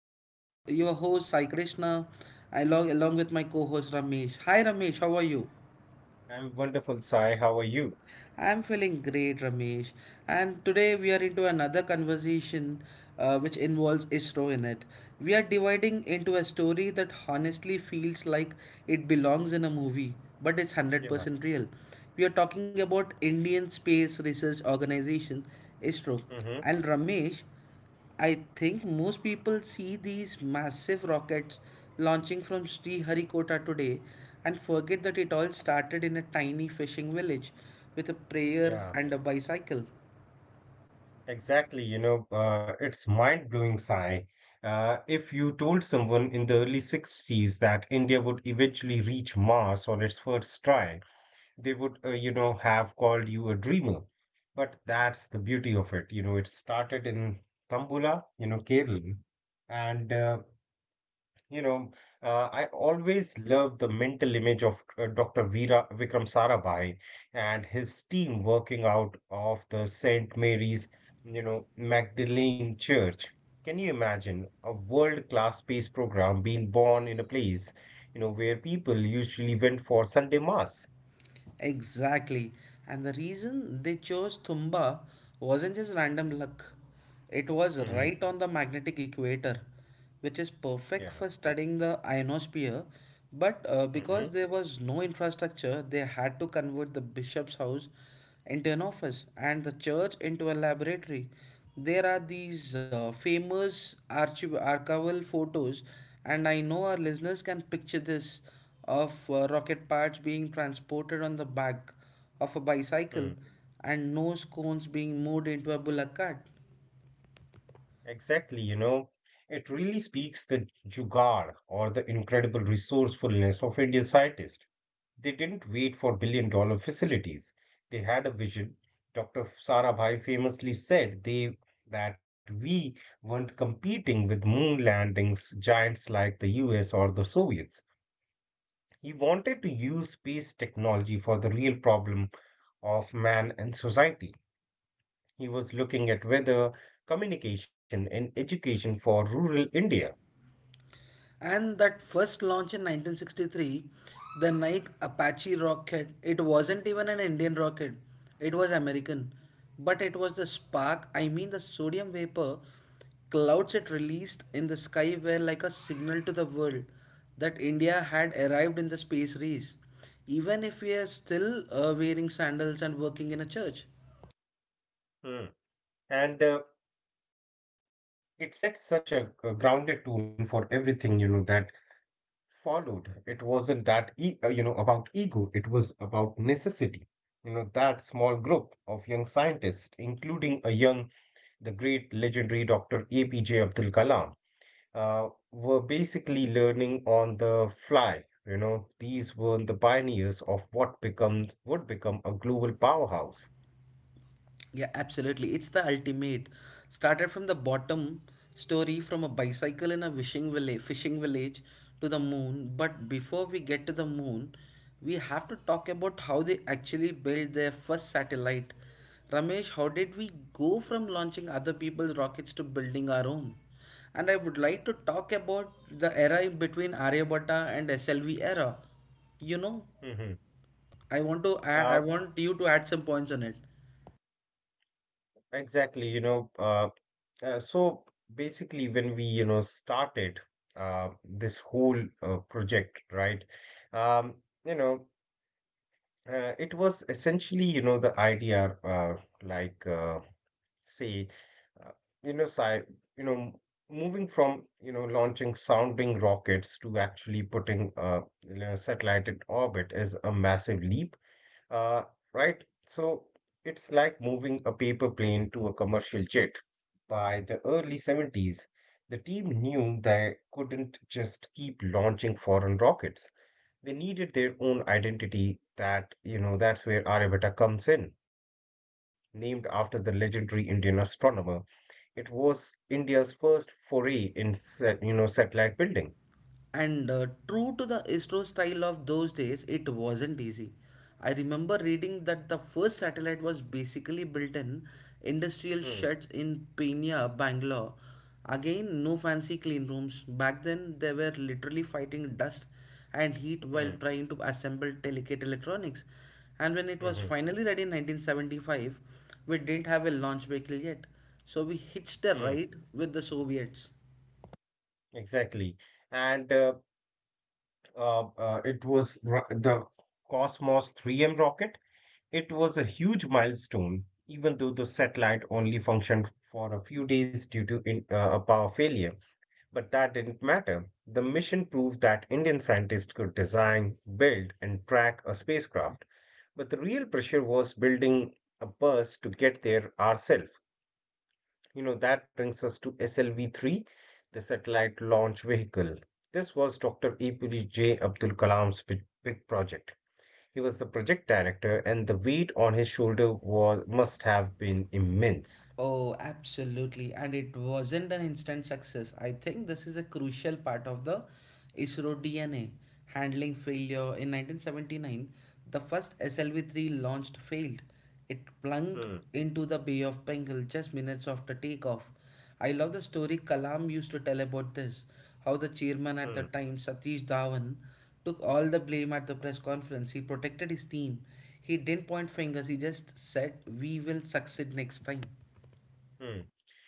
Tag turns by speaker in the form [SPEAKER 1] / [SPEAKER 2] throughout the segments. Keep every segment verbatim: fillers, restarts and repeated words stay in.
[SPEAKER 1] This is your your host Sai Krishna, along along with my co-host Ramesh. Hi Ramesh, how are you?
[SPEAKER 2] I'm wonderful, Sai. How are you?
[SPEAKER 1] I'm feeling great, Ramesh. And today we are into another conversation uh, which involves I S R O in it. We are dividing into a story that honestly feels like it belongs in a movie, but it's
[SPEAKER 2] Yeah.
[SPEAKER 1] one hundred percent real. We are talking about Indian Space Research Organization, I S R O.
[SPEAKER 2] Mm-hmm.
[SPEAKER 1] And Ramesh, I think most people see these massive rockets launching from Sriharikota today and forget that it all started in a tiny fishing village with a prayer
[SPEAKER 2] Yeah.
[SPEAKER 1] and a bicycle.
[SPEAKER 2] Exactly. You know, uh, it's mind-blowing, Sai. Uh, if you told someone in the early sixties that India would eventually reach Mars on its first try, they would, uh, you know, have called you a dreamer. But that's the beauty of it. You know, it started in Tambula, you know, Kerala, and uh, You know, uh, I always love the mental image of uh, doctor Veera Vikram Sarabhai and his team working out of the saint Mary's, you know, Magdalene Church. Can you imagine a world-class space program being born in a place, you know, where people usually went for Sunday mass?
[SPEAKER 1] Exactly. And the reason they chose Thumba wasn't just random luck. It was
[SPEAKER 2] Hmm.
[SPEAKER 1] right on the magnetic equator, which is perfect
[SPEAKER 2] Yeah.
[SPEAKER 1] for studying the ionosphere. But uh,
[SPEAKER 2] Hmm.
[SPEAKER 1] because there was no infrastructure, they had to convert the bishop's house into an office and the church into a laboratory. There are these uh, famous archiv- archival photos, and I know our listeners can picture this of uh, rocket parts being transported on the back of a bicycle
[SPEAKER 2] Mm.
[SPEAKER 1] and nose cones being moved into a bullock cart.
[SPEAKER 2] Exactly. You know, it really speaks the jugaad or the incredible resourcefulness of Indian scientists. They didn't wait for billion dollar facilities. They had a vision. doctor Sarabhai famously said they that we weren't competing with moon landings giants like the U S or the Soviets. He wanted to use space technology for the real problem of man and society. He was looking at weather, communication, and education for rural India.
[SPEAKER 1] And that first launch in nineteen sixty-three, the Nike Apache rocket, it wasn't even an Indian rocket, it was American. But it was the spark, I mean the sodium vapor clouds it released in the sky were like a signal to the world that India had arrived in the space race, even if we are still uh, wearing sandals and working in a church.
[SPEAKER 2] Hmm. And uh, it set such a, a grounded tone for everything, you know, that followed. It wasn't that, e- uh, you know, about ego. It was about necessity. You know that small group of young scientists, including a young, the great legendary doctor A P J Abdul Kalam, uh, were basically learning on the fly. You know these were the pioneers of what becomes would become a global powerhouse.
[SPEAKER 1] Yeah, absolutely. It's the ultimate. Started from the bottom story from a bicycle in a wishing village, fishing village to the moon. But before we get to the moon, we have to talk about how they actually built their first satellite. Ramesh, how did we go from launching other people's rockets to building our own? And I would like to talk about the era in between Aryabhatta and S L V era. You know,
[SPEAKER 2] Mhm.
[SPEAKER 1] I want to I, I
[SPEAKER 2] Uh,
[SPEAKER 1] want you to add some points on it.
[SPEAKER 2] Exactly. You know, uh, uh, so basically when we, you know, started uh, this whole uh, project, right? Um, you know, uh, it was essentially, you know, the idea, uh, like uh, say, uh, you know, sci you know, m- moving from, you know, launching sounding rockets to actually putting a, you know, satellite in orbit is a massive leap, uh, right? So it's like moving a paper plane to a commercial jet. By the early seventies, the team knew they couldn't just keep launching foreign rockets. They needed their own identity that, you know, that's where Aryabhatta comes in. Named after the legendary Indian astronomer, it was India's first foray in, sat- you know, satellite building.
[SPEAKER 1] And uh, true to the I S R O style of those days, it wasn't easy. I remember reading that the first satellite was basically built in industrial
[SPEAKER 2] Hmm.
[SPEAKER 1] sheds in Peenya, Bangalore. Again, no fancy clean rooms. Back then, they were literally fighting dust and heat while
[SPEAKER 2] Hmm.
[SPEAKER 1] trying to assemble delicate electronics. And when it
[SPEAKER 2] Hmm.
[SPEAKER 1] was
[SPEAKER 2] Hmm.
[SPEAKER 1] finally ready in nineteen seventy-five, we didn't have a launch vehicle yet. So we hitched a
[SPEAKER 2] Hmm.
[SPEAKER 1] ride with the Soviets.
[SPEAKER 2] Exactly. And uh, uh, uh, it was ro- the Cosmos three M rocket. It was a huge milestone, even though the satellite only functioned for a few days due to in, uh, a power failure. But that didn't matter. The mission proved that Indian scientists could design, build, and track a spacecraft. But the real pressure was building a bus to get there ourselves. You know, that brings us to S L V three, the satellite launch vehicle. This was doctor A P J Abdul Kalam's big, big project. He was the project director, and the weight on his shoulder was must have been immense.
[SPEAKER 1] Oh, absolutely. And it wasn't an instant success. I think this is a crucial part of the I S R O D N A. Handling failure in nineteen seventy-nine, the first S L V three launched failed. It plunged
[SPEAKER 2] Hmm.
[SPEAKER 1] into the Bay of Bengal just minutes after takeoff. I love the story Kalam used to tell about this, how the chairman at the
[SPEAKER 2] Hmm.
[SPEAKER 1] time, Satish Dhawan, took all the blame at the press conference. He protected his team. He didn't point fingers, he just said, "We will succeed next time."
[SPEAKER 2] Hmm.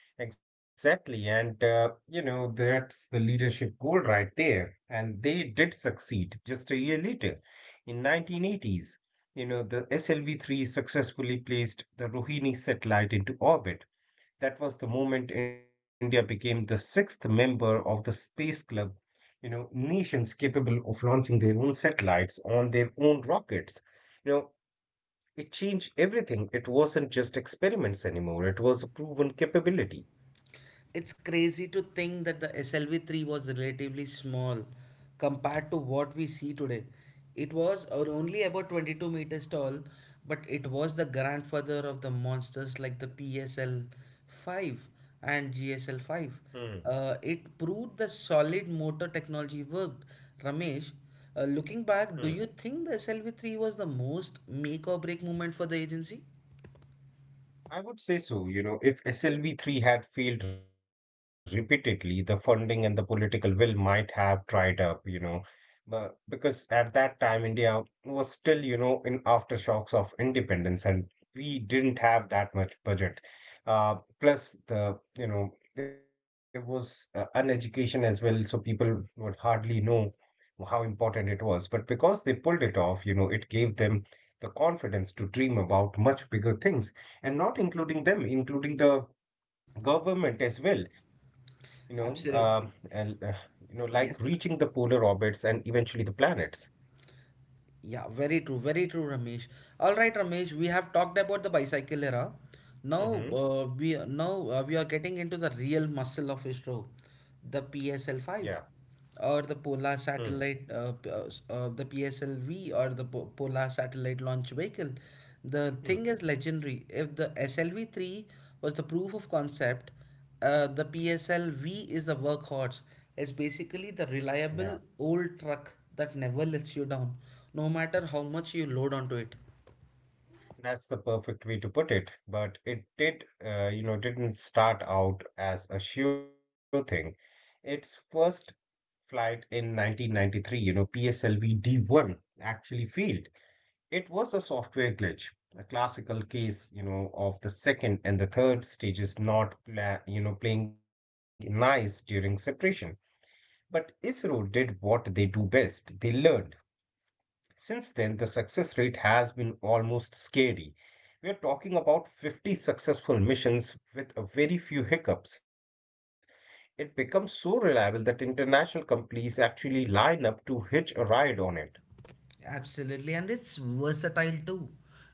[SPEAKER 2] Exactly, and uh, you know, that's the leadership goal right there. And they did succeed just a year later, in nineteen eighties. You know, the S L V three successfully placed the Rohini satellite into orbit. That was the moment India became the sixth member of the Space Club. You know, nations capable of launching their own satellites on their own rockets. You know, it changed everything. It wasn't just experiments anymore, it was a proven capability.
[SPEAKER 1] It's crazy to think that the S L V three was relatively small compared to what we see today. It was or only about twenty-two meters tall, but it was the grandfather of the monsters like the P S L five and
[SPEAKER 2] Hmm.
[SPEAKER 1] G S L five. Uh, it proved the solid motor technology worked. Ramesh, uh, looking
[SPEAKER 2] Hmm.
[SPEAKER 1] back, do you think the S L V three was the most make or break moment for the agency?
[SPEAKER 2] I would say so. You know, if S L V three had failed repeatedly, the funding and the political will might have dried up, you know, but because at that time India was still, you know, in aftershocks of independence and we didn't have that much budget. Uh, Plus the, you know, there was uh, an education as well, so people would hardly know how important it was. But because they pulled it off, you know, it gave them the confidence to dream about much bigger things and not including them, including the government as well, you know, uh, and,
[SPEAKER 1] Absolutely.
[SPEAKER 2] uh, you know, like reaching the
[SPEAKER 1] Yes.
[SPEAKER 2] polar orbits and eventually the planets.
[SPEAKER 1] Yeah, very true, very true, Ramesh. All right, Ramesh, we have talked about the bicycle era. Now
[SPEAKER 2] Hmm.
[SPEAKER 1] uh, we now uh, we are getting into the real muscle of I S R O, the
[SPEAKER 2] Yeah.
[SPEAKER 1] P S L five, or the
[SPEAKER 2] Hmm.
[SPEAKER 1] Polar satellite, uh, p- uh, s- uh, the P S L V or the po Polar satellite launch vehicle. The
[SPEAKER 2] Hmm.
[SPEAKER 1] thing is legendary. If the S L V three was the proof of concept, uh, the P S L V is the workhorse. It's basically
[SPEAKER 2] Yeah.
[SPEAKER 1] the reliable old truck that never lets you down, no matter how much you load onto it.
[SPEAKER 2] That's the perfect way to put it. But it did, uh, you know, didn't start out as a sure thing. Its first flight in nineteen ninety-three, you know, P S L V D one actually failed. It was a software glitch, a classical case, you know, of the second and the third stages not, pla- you know, playing nice during separation. But ISRO did what they do best. They learned. Since then, the success rate has been almost scary. We are talking about fifty successful missions with a very few hiccups. It becomes so reliable that international companies actually line up to hitch a ride on it.
[SPEAKER 1] Absolutely, and it's versatile too.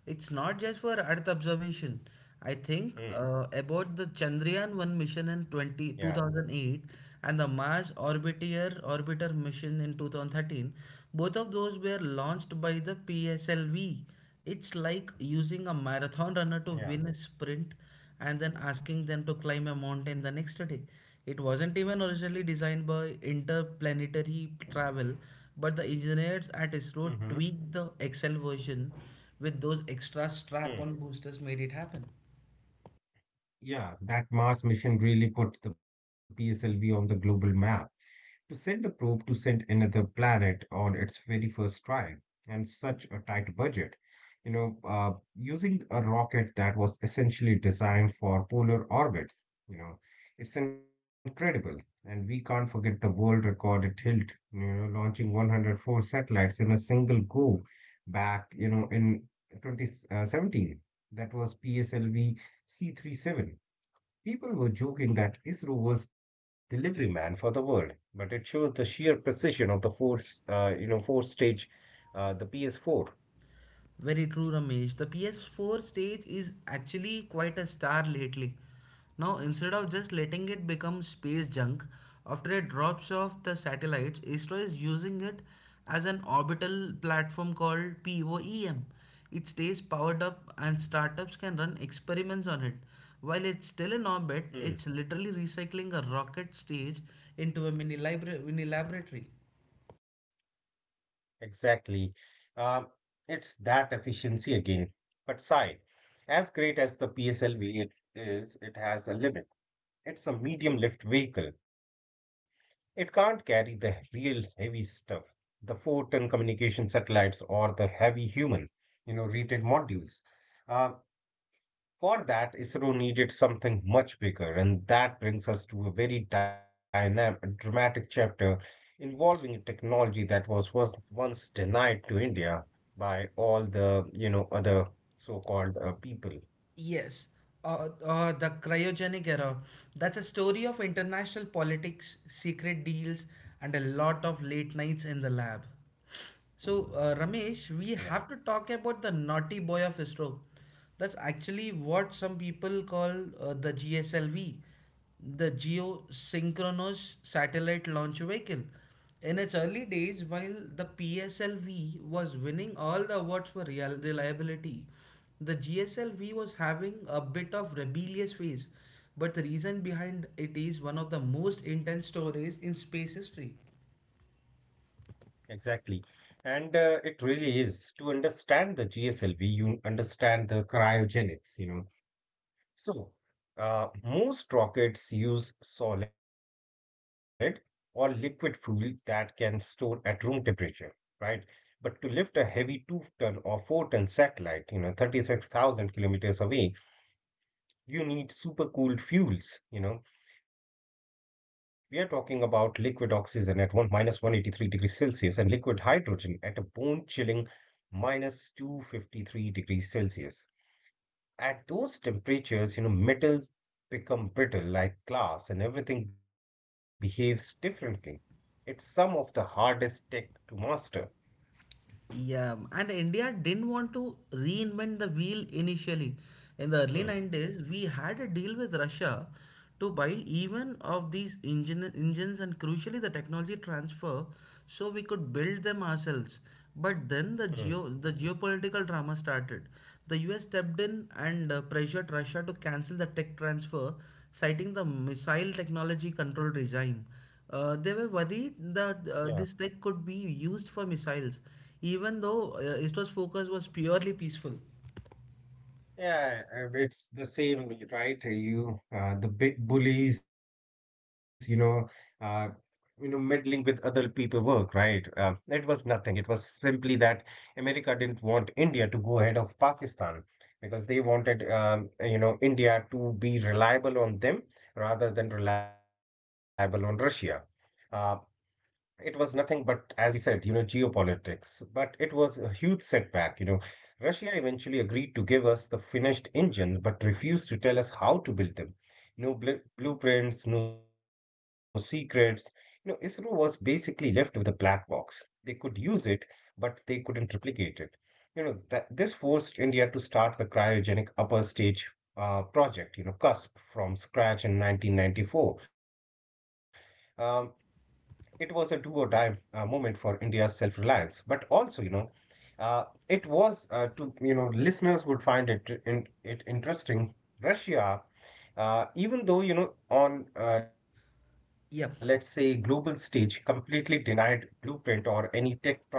[SPEAKER 1] It's not just for Earth observation.
[SPEAKER 2] Hmm.
[SPEAKER 1] I think uh, about the Chandrayaan one
[SPEAKER 2] Yeah.
[SPEAKER 1] mission in twenty two thousand eight, and the Mars Orbiter Orbiter mission in two thousand thirteen. Both of those were launched by the P S L V. It's like using a marathon
[SPEAKER 2] Yeah.
[SPEAKER 1] runner to win a sprint and then asking them to climb a mountain the next day. It wasn't even originally designed by interplanetary travel, but the engineers at I S R O
[SPEAKER 2] Mm-hmm.
[SPEAKER 1] tweaked the Excel version with those extra strap
[SPEAKER 2] Hmm.
[SPEAKER 1] on boosters made it happen.
[SPEAKER 2] Yeah, that Mars mission really put the P S L V on the global map. To send a probe to send another planet on its very first try, and such a tight budget, you know, uh, using a rocket that was essentially designed for polar orbits, you know, it's incredible. And we can't forget the world record it held, you know, launching one hundred four satellites in a single go back, you know, in twenty seventeen. That was P S L V C thirty-seven. People were joking that ISRO was delivery man for the world, but it shows the sheer precision of the force, uh, you know, four stage, uh, the P S four.
[SPEAKER 1] Very true, Ramesh. The P S four stage is actually quite a star lately. Now, instead of just letting it become space junk after it drops off the satellites, I S R O is using it as an orbital platform called POEM. It stays powered up, and startups can run experiments on it. While it's still in orbit, it's
[SPEAKER 2] Hmm.
[SPEAKER 1] literally recycling a rocket stage into a mini, libra- mini laboratory.
[SPEAKER 2] Exactly. Um, it's that efficiency again. But Sai, as great as the P S L V it is, it has a limit. It's a medium lift vehicle. It can't carry the real heavy stuff, the four-ton communication satellites or the heavy human, you know, rated modules. Uh, For that, ISRO needed something much bigger, and that brings us to a very dynamic, dramatic chapter involving a technology that was, was once denied to India by all the, you know, other so-called uh, people.
[SPEAKER 1] Yes, uh, uh, the cryogenic era. That's a story of international politics, secret deals, and a lot of late nights in the lab. So, uh, Ramesh,
[SPEAKER 2] Yeah,
[SPEAKER 1] we have to talk about the naughty boy of I S R O. That's actually what some people call uh, the G S L V, the Geosynchronous Satellite Launch Vehicle. In its early days, while the P S L V was winning all the awards for real- reliability, the G S L V was having a bit of rebellious phase, but the reason behind it is one of the most intense stories in space history.
[SPEAKER 2] exactly. And uh, it really is to understand the G S L V, you understand the cryogenics, you know, So, uh, most rockets use solid or liquid fuel that can store at room temperature, right? But to lift a heavy two-ton or four-ton satellite, you know, thirty-six thousand kilometers away, you need supercooled fuels, you know. We are talking about liquid oxygen at one minus one hundred eighty-three degrees Celsius and liquid hydrogen at a bone chilling minus two hundred fifty-three degrees Celsius. At those temperatures, you know, metals become brittle like glass and everything behaves differently. It's some of the hardest tech to master.
[SPEAKER 1] Yeah, and India didn't want to reinvent the wheel initially. In the early
[SPEAKER 2] Hmm.
[SPEAKER 1] nineties, we had a deal with Russia to buy even of these engine, engines and crucially the technology transfer so we could build them ourselves. But then the,
[SPEAKER 2] Hmm.
[SPEAKER 1] geo, the geopolitical drama started. The U S stepped in and uh, pressured Russia to cancel the tech transfer, citing the missile technology control regime. Uh, they were
[SPEAKER 2] Yeah.
[SPEAKER 1] worried that uh, this tech could be used for missiles, even though uh, I S R O's focus was purely peaceful.
[SPEAKER 2] Yeah, uh, it's the same, right? You, uh, the big bullies, you know, uh, you know, meddling with other people work, right? Uh, it was nothing. It was simply that America didn't want India to go ahead of Pakistan because they wanted, um, you know, India to be reliable on them rather than reliable on Russia. Uh, it was nothing but, as you said, you know, geopolitics. But it was a huge setback, you know. Russia eventually agreed to give us the finished engines, but refused to tell us how to build them. No bl blueprints, no secrets. You know, ISRO was basically left with a black box. They could use it, but they couldn't replicate it. You know, that this forced India to start the cryogenic upper stage uh, project, you know, CUSP from scratch in nineteen ninety-four. um. It was a do or die uh, moment for India's self reliance, but also, you know, uh, it was uh, to, you know, listeners would find it, in, it interesting. Russia, uh, even though, you know, on, uh, let's say, global
[SPEAKER 1] Yep,
[SPEAKER 2] stage, completely denied blueprint or any tech transfer,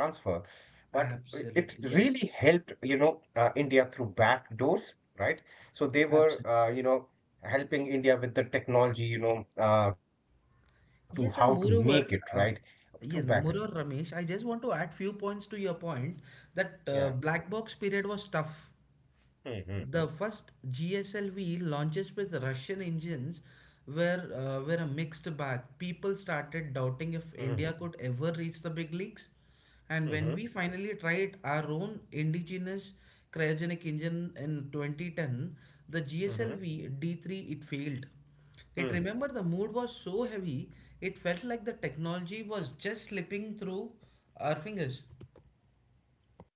[SPEAKER 2] but it really
[SPEAKER 1] absolutely.
[SPEAKER 2] helped,
[SPEAKER 1] Yes,
[SPEAKER 2] you know uh, India through back doors, right? So they were, uh,
[SPEAKER 1] absolutely.
[SPEAKER 2] you know helping India with the technology, you know uh, to how to make
[SPEAKER 1] Yes,
[SPEAKER 2] it
[SPEAKER 1] and
[SPEAKER 2] right,
[SPEAKER 1] moreover,
[SPEAKER 2] through
[SPEAKER 1] uh,
[SPEAKER 2] back end.
[SPEAKER 1] yes, moreover, Ramesh, I just want to add few points to your point that uh,
[SPEAKER 2] Yeah.
[SPEAKER 1] black box period was tough. The
[SPEAKER 2] Hmm.
[SPEAKER 1] first G S L V launches with Russian engines were uh, were a mixed bag. People started doubting if
[SPEAKER 2] Hmm.
[SPEAKER 1] India could ever reach the big leagues, and when we
[SPEAKER 2] Hmm.
[SPEAKER 1] finally tried our own indigenous cryogenic engine in twenty ten, the G S L V
[SPEAKER 2] Hmm.
[SPEAKER 1] D three it failed. It remember the
[SPEAKER 2] Hmm.
[SPEAKER 1] mood was so heavy, it felt like the technology was just slipping through our fingers.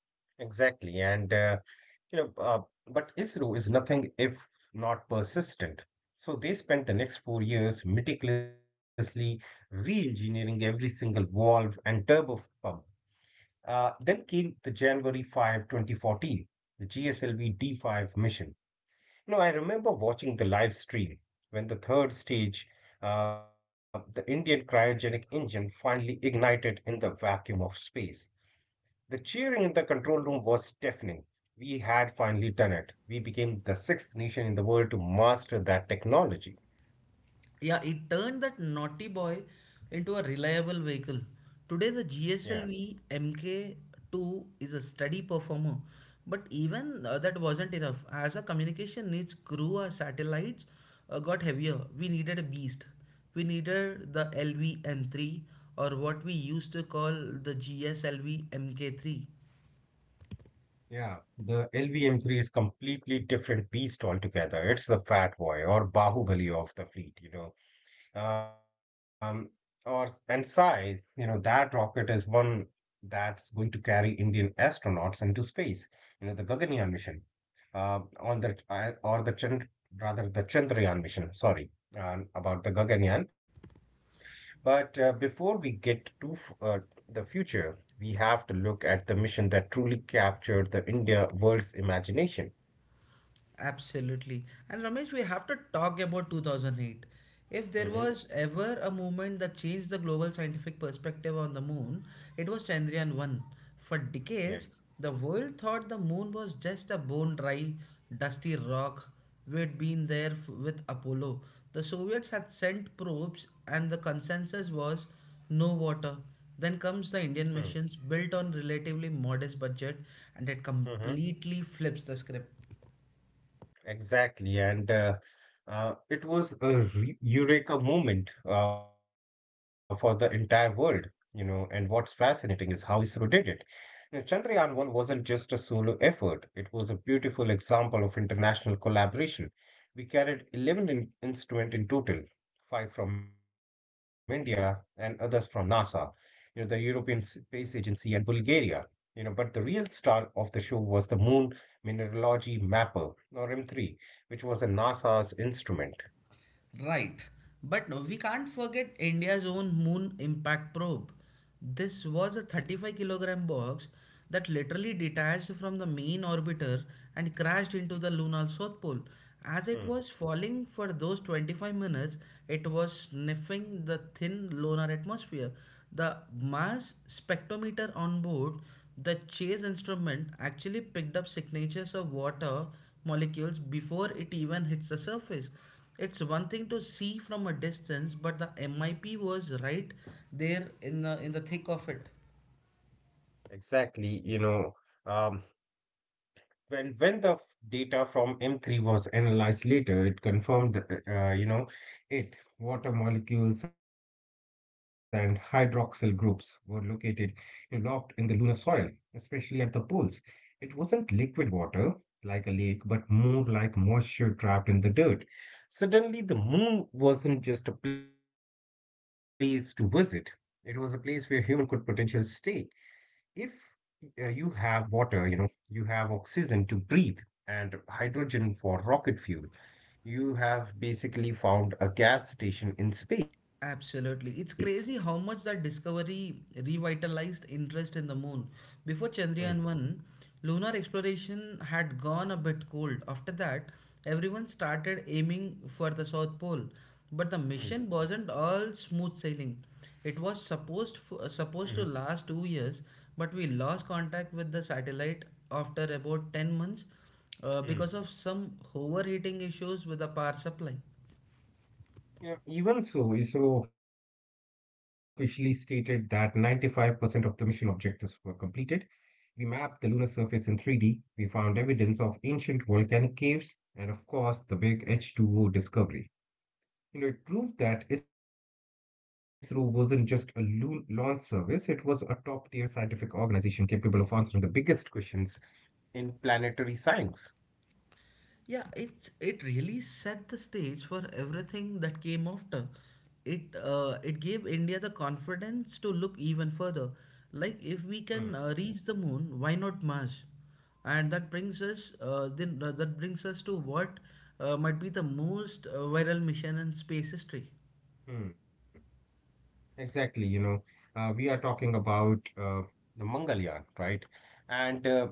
[SPEAKER 2] Exactly. And uh, you know uh, but ISRO is nothing if not persistent. So they spent the next four years meticulously re-engineering every single valve and turbo pump. Uh, then came the January fifth, twenty fourteen, the G S L V D five mission. You know, I remember watching the live stream when the third stage, uh, the Indian cryogenic engine, finally ignited in the vacuum of space. The cheering in the control room was deafening. We had finally done it. We became the sixth nation in the world to master that technology.
[SPEAKER 1] Yeah, it turned that naughty boy into a reliable vehicle. Today, the
[SPEAKER 2] Yeah.
[SPEAKER 1] G S L V M K two is a steady performer, but even uh, that wasn't enough. As our communication needs grew, our satellites uh, got heavier. We needed a beast. We needed the L V M three or what we used to call the G S L V M K three.
[SPEAKER 2] Yeah, the L V M three is completely different beast altogether. It's the fat boy or Bahubali of the fleet, you know. Um, or and size, you know, that rocket is one that's going to carry Indian astronauts into space. You know, the Gaganyaan mission uh, on the I- or the Chand, rather the Chandrayaan mission. Sorry um, about the Gaganyaan. But uh, before we get to f- uh, the future, we have to look at the mission that truly captured the India world's imagination.
[SPEAKER 1] Absolutely. And Ramesh, we have to talk about two thousand eight. If there
[SPEAKER 2] Hmm.
[SPEAKER 1] was ever a movement that changed the global scientific perspective on the moon, it was Chandrayaan one. For
[SPEAKER 2] Yeah.
[SPEAKER 1] decades, the world thought the moon was just a bone dry, dusty rock. We'd been there f- with Apollo. The Soviets had sent probes, and the consensus was no water. Then comes the Indian missions, built on relatively modest budget, and it
[SPEAKER 2] Mm-hmm.
[SPEAKER 1] completely flips the script.
[SPEAKER 2] Exactly, and uh, uh, it was a re- eureka moment uh, for the entire world, you know. And what's fascinating is how ISRO did it. Yeah, Chandrayaan one wasn't just a solo effort, it was a beautiful example of international collaboration. We carried eleven in- instruments in total, five from India and others from NASA, you know, the European Space Agency and Bulgaria. You know, but the real star of the show was the Moon Mineralogy Mapper, or M three, which was a NASA's instrument.
[SPEAKER 1] Right. But no, we can't forget India's own moon impact probe. This was a thirty-five kilogram box that literally detached from the main orbiter and crashed into the lunar south pole. As it
[SPEAKER 2] Hmm.
[SPEAKER 1] was falling for those twenty-five minutes, it was sniffing the thin lunar atmosphere. The mass spectrometer on board the chase instrument actually picked up signatures of water molecules before it even hits the surface. It's one thing to see from a distance, but the M I P was right there in the in the thick of it.
[SPEAKER 2] Exactly, you know, um, when when the f- data from M three was analyzed later, it confirmed that uh, you know it water molecules and hydroxyl groups were located you know, locked in the lunar soil, especially at the poles. It wasn't liquid water like a lake, but more like moisture trapped in the dirt. Suddenly, the moon wasn't just a place to visit; it was a place where human could potentially stay if uh, you have water, you know, you have oxygen to breathe and hydrogen for rocket fuel, you have basically found a gas station in space.
[SPEAKER 1] Absolutely. It's crazy how much that discovery revitalized interest in the moon. Before
[SPEAKER 2] Hmm.
[SPEAKER 1] Chandrayaan one, lunar exploration had gone a bit cold. After that, everyone started aiming for the South Pole. But the
[SPEAKER 2] Hmm.
[SPEAKER 1] mission wasn't all smooth sailing. It was
[SPEAKER 2] Hmm.
[SPEAKER 1] supposed f- supposed to last two years, but we lost contact with the satellite after about ten months uh,
[SPEAKER 2] Hmm.
[SPEAKER 1] because of some overheating issues with the power supply.
[SPEAKER 2] Yeah, even so, ISRO officially stated that ninety-five percent of the mission objectives were completed. We mapped the lunar surface in three D. We found evidence of ancient volcanic caves and, of course, the big H two O discovery. You know, it proved that ISRO wasn't just a lo- launch service, it was a top tier scientific organization capable of answering the biggest questions in planetary science.
[SPEAKER 1] Yeah, it's it really set the stage for everything that came after. It uh, it gave India the confidence to look even further. Like if we
[SPEAKER 2] Hmm,
[SPEAKER 1] can uh, reach the moon, why not Mars? And that brings us uh, then uh, that brings us to what uh, might be the most uh, viral mission in space history.
[SPEAKER 2] hmm. Exactly, you know, uh, we are talking about uh, the Mangalyaan, right? And uh,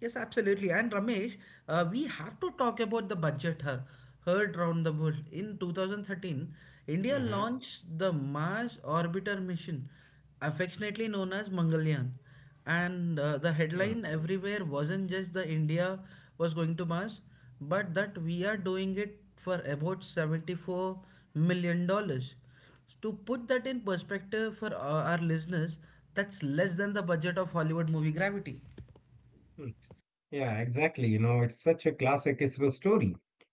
[SPEAKER 1] Yes, absolutely. And Ramesh, uh, we have to talk about the budget hur- heard round the world. In twenty thirteen, India
[SPEAKER 2] Mhm.
[SPEAKER 1] launched the Mars Orbiter mission, affectionately known as Mangalyaan. And
[SPEAKER 2] Hmm,
[SPEAKER 1] uh, the headline everywhere wasn't just the India was going to Mars, but that we are doing it for about seventy-four million dollars. To put that in perspective for uh, our listeners, that's less than the budget of Hollywood movie Gravity.
[SPEAKER 2] hmm. Yeah, exactly, you know, it's such a classic ISRO story.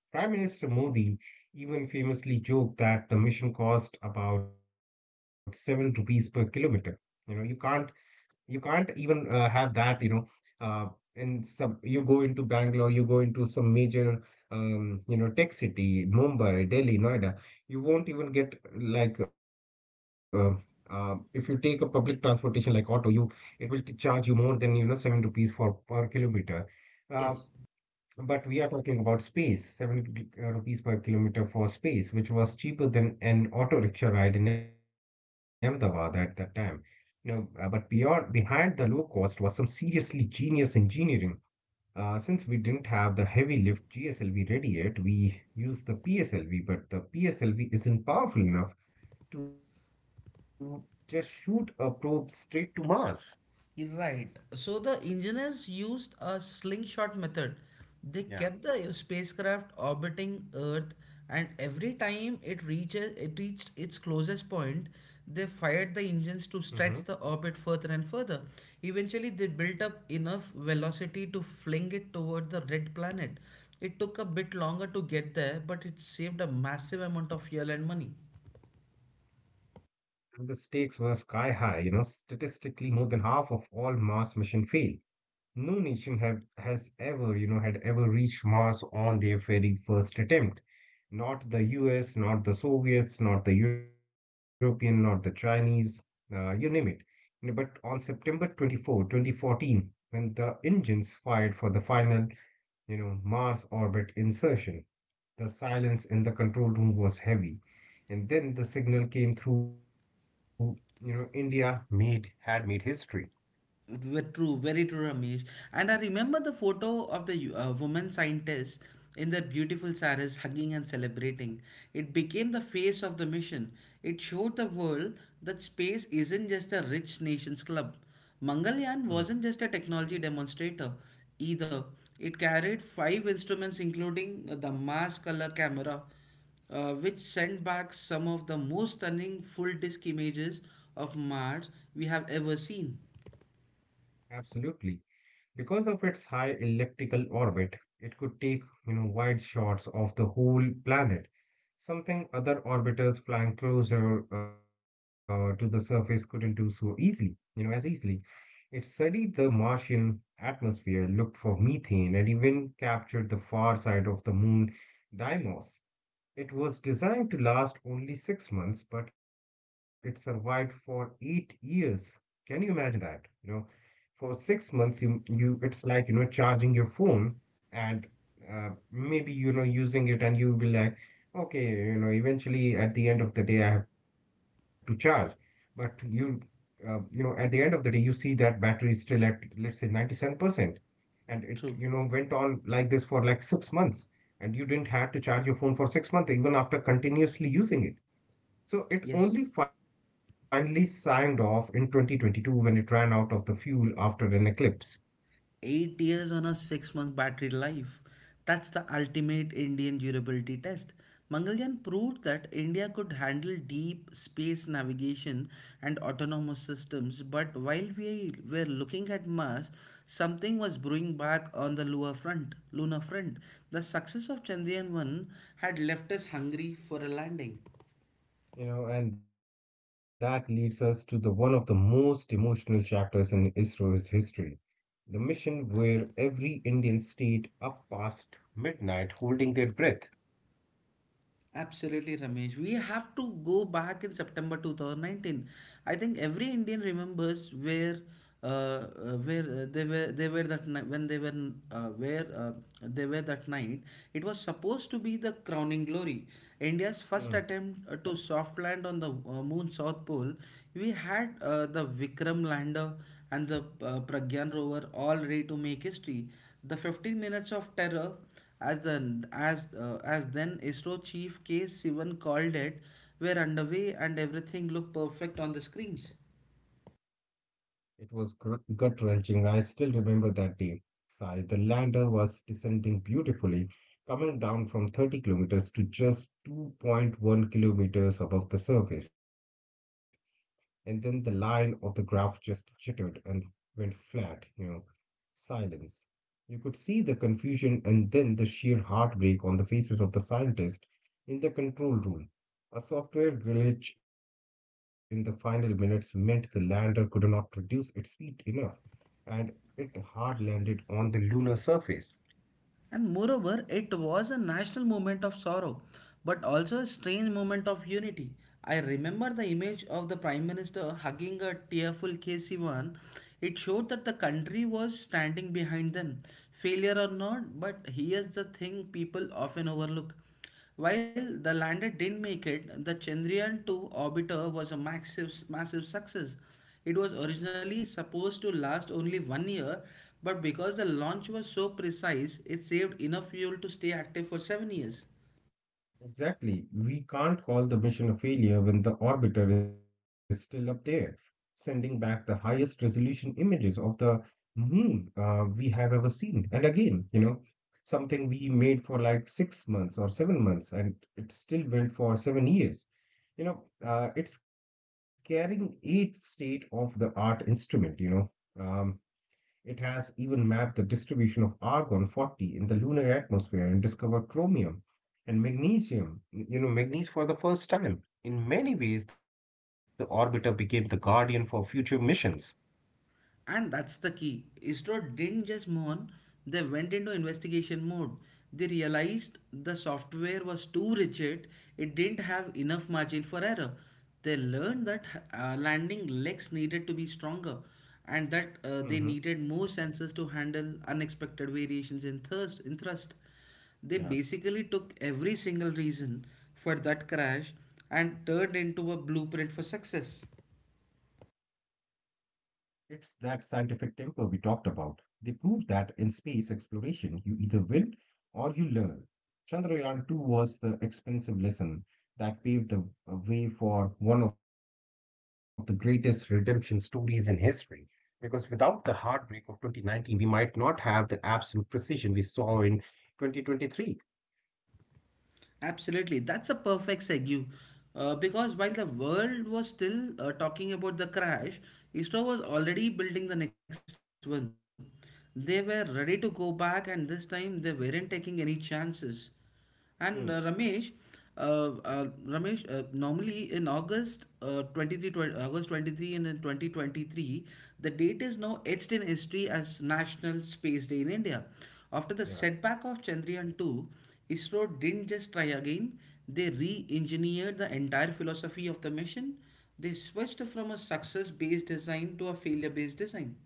[SPEAKER 2] Prime Minister Modi even famously joked that the mission cost about seven rupees per kilometer. You know, you can't You can't even uh, have that, you know. Uh, in some, you go into Bangalore, you go into some major, um, you know, tech city, Mumbai, Delhi, Noida. You won't even get like, uh, uh, if you take a public transportation like auto, you it will t- charge you more than you know seven rupees for per kilometer. Uh,
[SPEAKER 1] Yes.
[SPEAKER 2] but we are talking about space, seventy uh, rupees per kilometer for space, which was cheaper than an auto rickshaw ride in Ahmedabad at that time. You know, uh, but beyond behind the low cost was some seriously genius engineering. Uh, since we didn't have the heavy lift G S L V ready yet, we used the P S L V, but the P S L V isn't powerful enough to just shoot a probe straight to Mars.
[SPEAKER 1] Right. So the engineers used a slingshot method. They
[SPEAKER 2] Yeah.
[SPEAKER 1] kept the spacecraft orbiting Earth, and every time it reaches it reached its closest point, they fired
[SPEAKER 2] Mhm.
[SPEAKER 1] the engines to stretch the orbit further and further. Eventually, they built up enough velocity to fling it toward the red planet. It took a bit longer to get there, but it saved a massive amount of fuel and money.
[SPEAKER 2] And the stakes were sky high, you know. Statistically, more than half of all Mars missions failed. No nation have, has ever, you know, had ever reached Mars on their very first attempt. Not the U S, not the Soviets, not the European, not the Chinese, uh, you name it. You know, but on September twenty-fourth, twenty fourteen, when the engines fired for the final, you know, Mars orbit insertion. The silence in the control room was heavy. And then the signal came through, you know, India made had made history.
[SPEAKER 1] Ve- True, very true, Ramesh. And I remember the photo of the uh, woman scientist in their beautiful saris hugging and celebrating. It became the face of the mission. It showed the world that space isn't just a rich nation's club. Mangalyaan
[SPEAKER 2] Hmm.
[SPEAKER 1] wasn't just a technology demonstrator either. It carried five instruments, including uh, the Mars color camera, uh, which sent back some of the most stunning full disk images of Mars we have ever seen.
[SPEAKER 2] Absolutely. Because of its high elliptical orbit, it could take, you know, wide shots of the whole planet, something other orbiters flying closer uh, to the surface couldn't do so easily, you know, as easily. It studied the Martian atmosphere, looked for methane, and even captured the far side of the moon, Deimos. It was designed to last only six months, but it survived for eight years. Can you imagine that? You know, for six months, you you it's like you know charging your phone and uh, maybe you know using it, and you'll be like, okay, you know, eventually at the end of the day, I have to charge. But you, uh, you know, at the end of the day, you see that battery is still at let's say ninety-seven percent, and it you
[SPEAKER 1] True.
[SPEAKER 2] know went on like this for like six months, and you didn't have to charge your phone for six months even after continuously using it. So it
[SPEAKER 1] Yes,
[SPEAKER 2] only finally signed off in twenty twenty-two when it ran out of the fuel after an eclipse.
[SPEAKER 1] eight years on a six month battery life. That's the ultimate Indian durability test. Mangalyaan proved that India could handle deep space navigation and autonomous systems, but while we were looking at Mars, something was brewing back on the lunar front. Lunar front. The success of Chandrayaan one had left us hungry for a landing.
[SPEAKER 2] You know and that leads us to the one of the most emotional chapters in ISRO's history, the mission where every Indian stayed up past midnight holding their breath.
[SPEAKER 1] Absolutely, Ramesh. We have to go back in September two thousand nineteen. I think every Indian remembers where, uh, uh, where uh, they were they were that ni- when they were uh, where uh, they were that night. It was supposed to be the crowning glory, India's first
[SPEAKER 2] Hmm.
[SPEAKER 1] attempt uh, to soft land on the uh, moon South Pole. We had uh, the Vikram lander and the uh, Pragyan rover all ready to make history. The fifteen minutes of terror, as the as uh, as then ISRO chief K Sivan called it, were underway and everything looked perfect on the screens.
[SPEAKER 2] It was gut wrenching. I still remember that day. Sigh, the lander was descending beautifully, coming down from thirty kilometers to just two point one kilometers above the surface, and then the line of the graph just jittered and went flat, you know, silence. You could see the confusion and then the sheer heartbreak on the faces of the scientists in the control room. A software glitch in the final minutes meant the lander could not reduce its speed enough, and it hard landed on the lunar surface.
[SPEAKER 1] And moreover, it was a national movement of sorrow, but also a strange moment of unity. I remember the image of the Prime Minister hugging a tearful K C one. It showed that the country was standing behind them. Failure or not, but here's the thing people often overlook. While the lander didn't make it, the Chandrayaan two orbiter was a massive, massive success. It was originally supposed to last only one year, but because the launch was so precise, it saved enough fuel to stay active for seven years.
[SPEAKER 2] Exactly. We can't call the mission a failure when the orbiter is still up there, sending back the highest resolution images of the moon, uh, we have ever seen. And again, you know, something we made for like six months or seven months, and it still went for seven years. You know, uh, it's carrying eight state of the art instrument, you know. Um, it has even mapped the distribution of argon forty in the lunar atmosphere and discovered chromium and magnesium, you know, magnesium for the first time. In many ways, the orbiter became the guardian for future missions.
[SPEAKER 1] And that's the key. ISRO didn't just mourn, they went into investigation mode. They realized the software was too rigid, it didn't have enough margin for error. They learned that uh, landing legs needed to be stronger and that
[SPEAKER 2] Mhm.
[SPEAKER 1] uh, they needed more sensors to handle unexpected variations in thrust. In thrust. They
[SPEAKER 2] Yeah.
[SPEAKER 1] basically took every single reason for that crash and turned into a blueprint for success.
[SPEAKER 2] It's that scientific temper we talked about. They prove that in space exploration, you either win or you learn. Chandrayaan two was the expensive lesson that paved the uh, way for one of the greatest redemption stories in history. Because without the heartbreak of twenty nineteen, we might not have the absolute precision we saw in twenty twenty-three.
[SPEAKER 1] Absolutely. That's a perfect segue. Uh, because while the world was still uh, talking about the crash, ISRO was already building the next one. They were ready to go back, and this time they weren't taking any chances. And uh,
[SPEAKER 2] Hmm,
[SPEAKER 1] Ramesh, uh, uh, Ramesh, uh, normally in August uh, twenty-three, twenty, August twenty-third and in twenty twenty-three, the date is now etched in history as National Space Day in India. After the
[SPEAKER 2] yeah.
[SPEAKER 1] setback of Chandrayaan two, ISRO didn't just try again, they re engineered the entire philosophy of the mission. They switched from a success based design to a failure based design.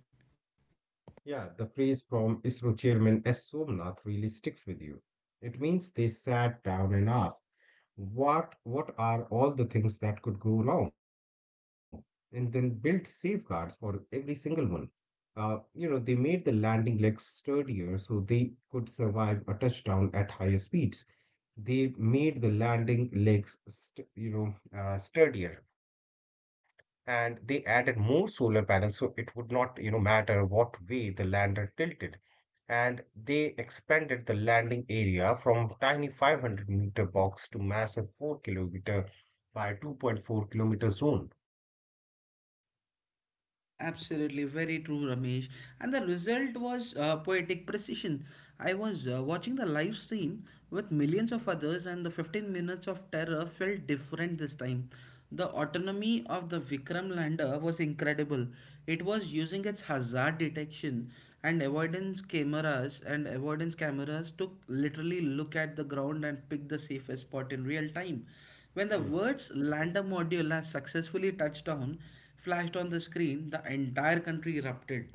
[SPEAKER 2] Yeah, the phrase from ISRO chairman S. Somnath really sticks with you. It means they sat down and asked, what, what are all the things that could go wrong? And then built safeguards for every single one. Uh, you know, they made the landing legs sturdier so they could survive a touchdown at higher speeds. They made the landing legs, st- you know, uh, sturdier, and they added more solar panels so it would not, you know, matter what way the lander tilted, and they expanded the landing area from tiny five hundred meter box to massive four kilometer by two point four kilometer zone.
[SPEAKER 1] Absolutely, very true, Ramesh. And the result was uh, poetic precision. I was uh, watching the live stream with millions of others, and the fifteen minutes of terror felt different this time. The autonomy of the Vikram lander was incredible. It was using its hazard detection and avoidance cameras, and avoidance cameras to literally look at the ground and pick the safest spot in real time. When the
[SPEAKER 2] Hmm.
[SPEAKER 1] words "lander module has successfully touched down," flashed on the screen, the entire country erupted.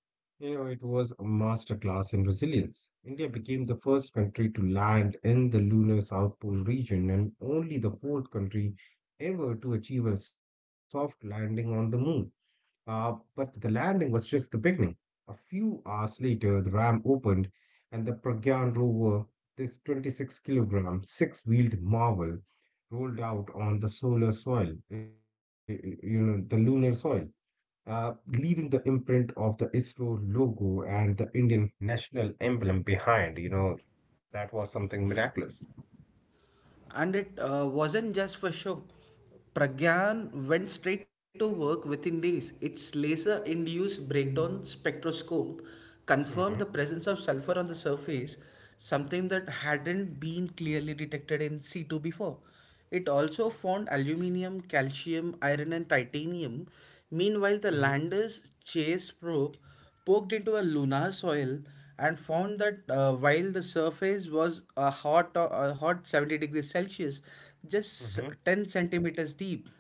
[SPEAKER 2] You know, it was a masterclass in resilience. India became the first country to land in the lunar South Pole region and only the fourth country ever to achieve a soft landing on the moon. Uh, but the landing was just the beginning. A few hours later, the ram opened, and the Pragyan rover, this twenty-six kilogram, six wheeled marvel, rolled out on the solar soil, y- y- you know, the lunar soil, uh, leaving the imprint of the ISRO logo and the Indian national emblem behind. You know, that was something miraculous.
[SPEAKER 1] And it uh, wasn't just for show. Pragyan went straight to work within days. Its laser induced breakdown spectroscope
[SPEAKER 2] Mm-hmm,
[SPEAKER 1] confirmed the presence of sulfur on the surface, something that hadn't been clearly detected in C two before. It also found aluminium, calcium, iron, and titanium.
[SPEAKER 2] mm-hmm,
[SPEAKER 1] Meanwhile, the lander's chase probe poked into a lunar soil and found that uh, while the surface was a hot, uh, a hot seventy degrees Celsius, just
[SPEAKER 2] mm-hmm.
[SPEAKER 1] ten centimeters deep,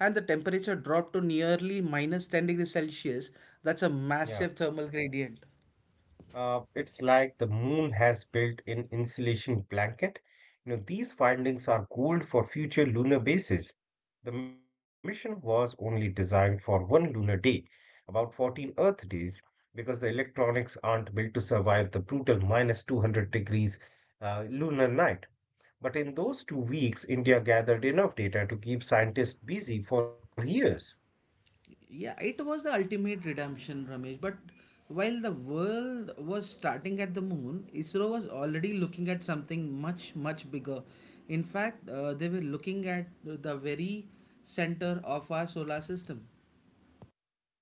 [SPEAKER 1] and the temperature dropped to nearly minus ten degrees Celsius, that's a
[SPEAKER 2] Yeah.
[SPEAKER 1] massive thermal gradient.
[SPEAKER 2] Uh, it's like the moon has built-in insulation blanket. You know, these findings are gold for future lunar bases. The mission was only designed for one lunar day, about fourteen Earth days, because the electronics aren't built to survive the brutal minus two hundred degrees uh, lunar night. But in those two weeks, India gathered enough data to keep scientists busy for years.
[SPEAKER 1] Yeah, it was the ultimate redemption, Ramesh, but while the world was starting at the moon, ISRO was already looking at something much, much bigger. In fact, uh, they were looking at the very center of our solar system.
[SPEAKER 2] Hmm.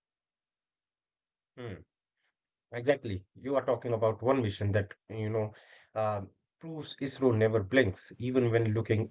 [SPEAKER 2] Exactly. You are talking about one vision that, you know, uh, proves ISRO never blinks, even when looking at the sun.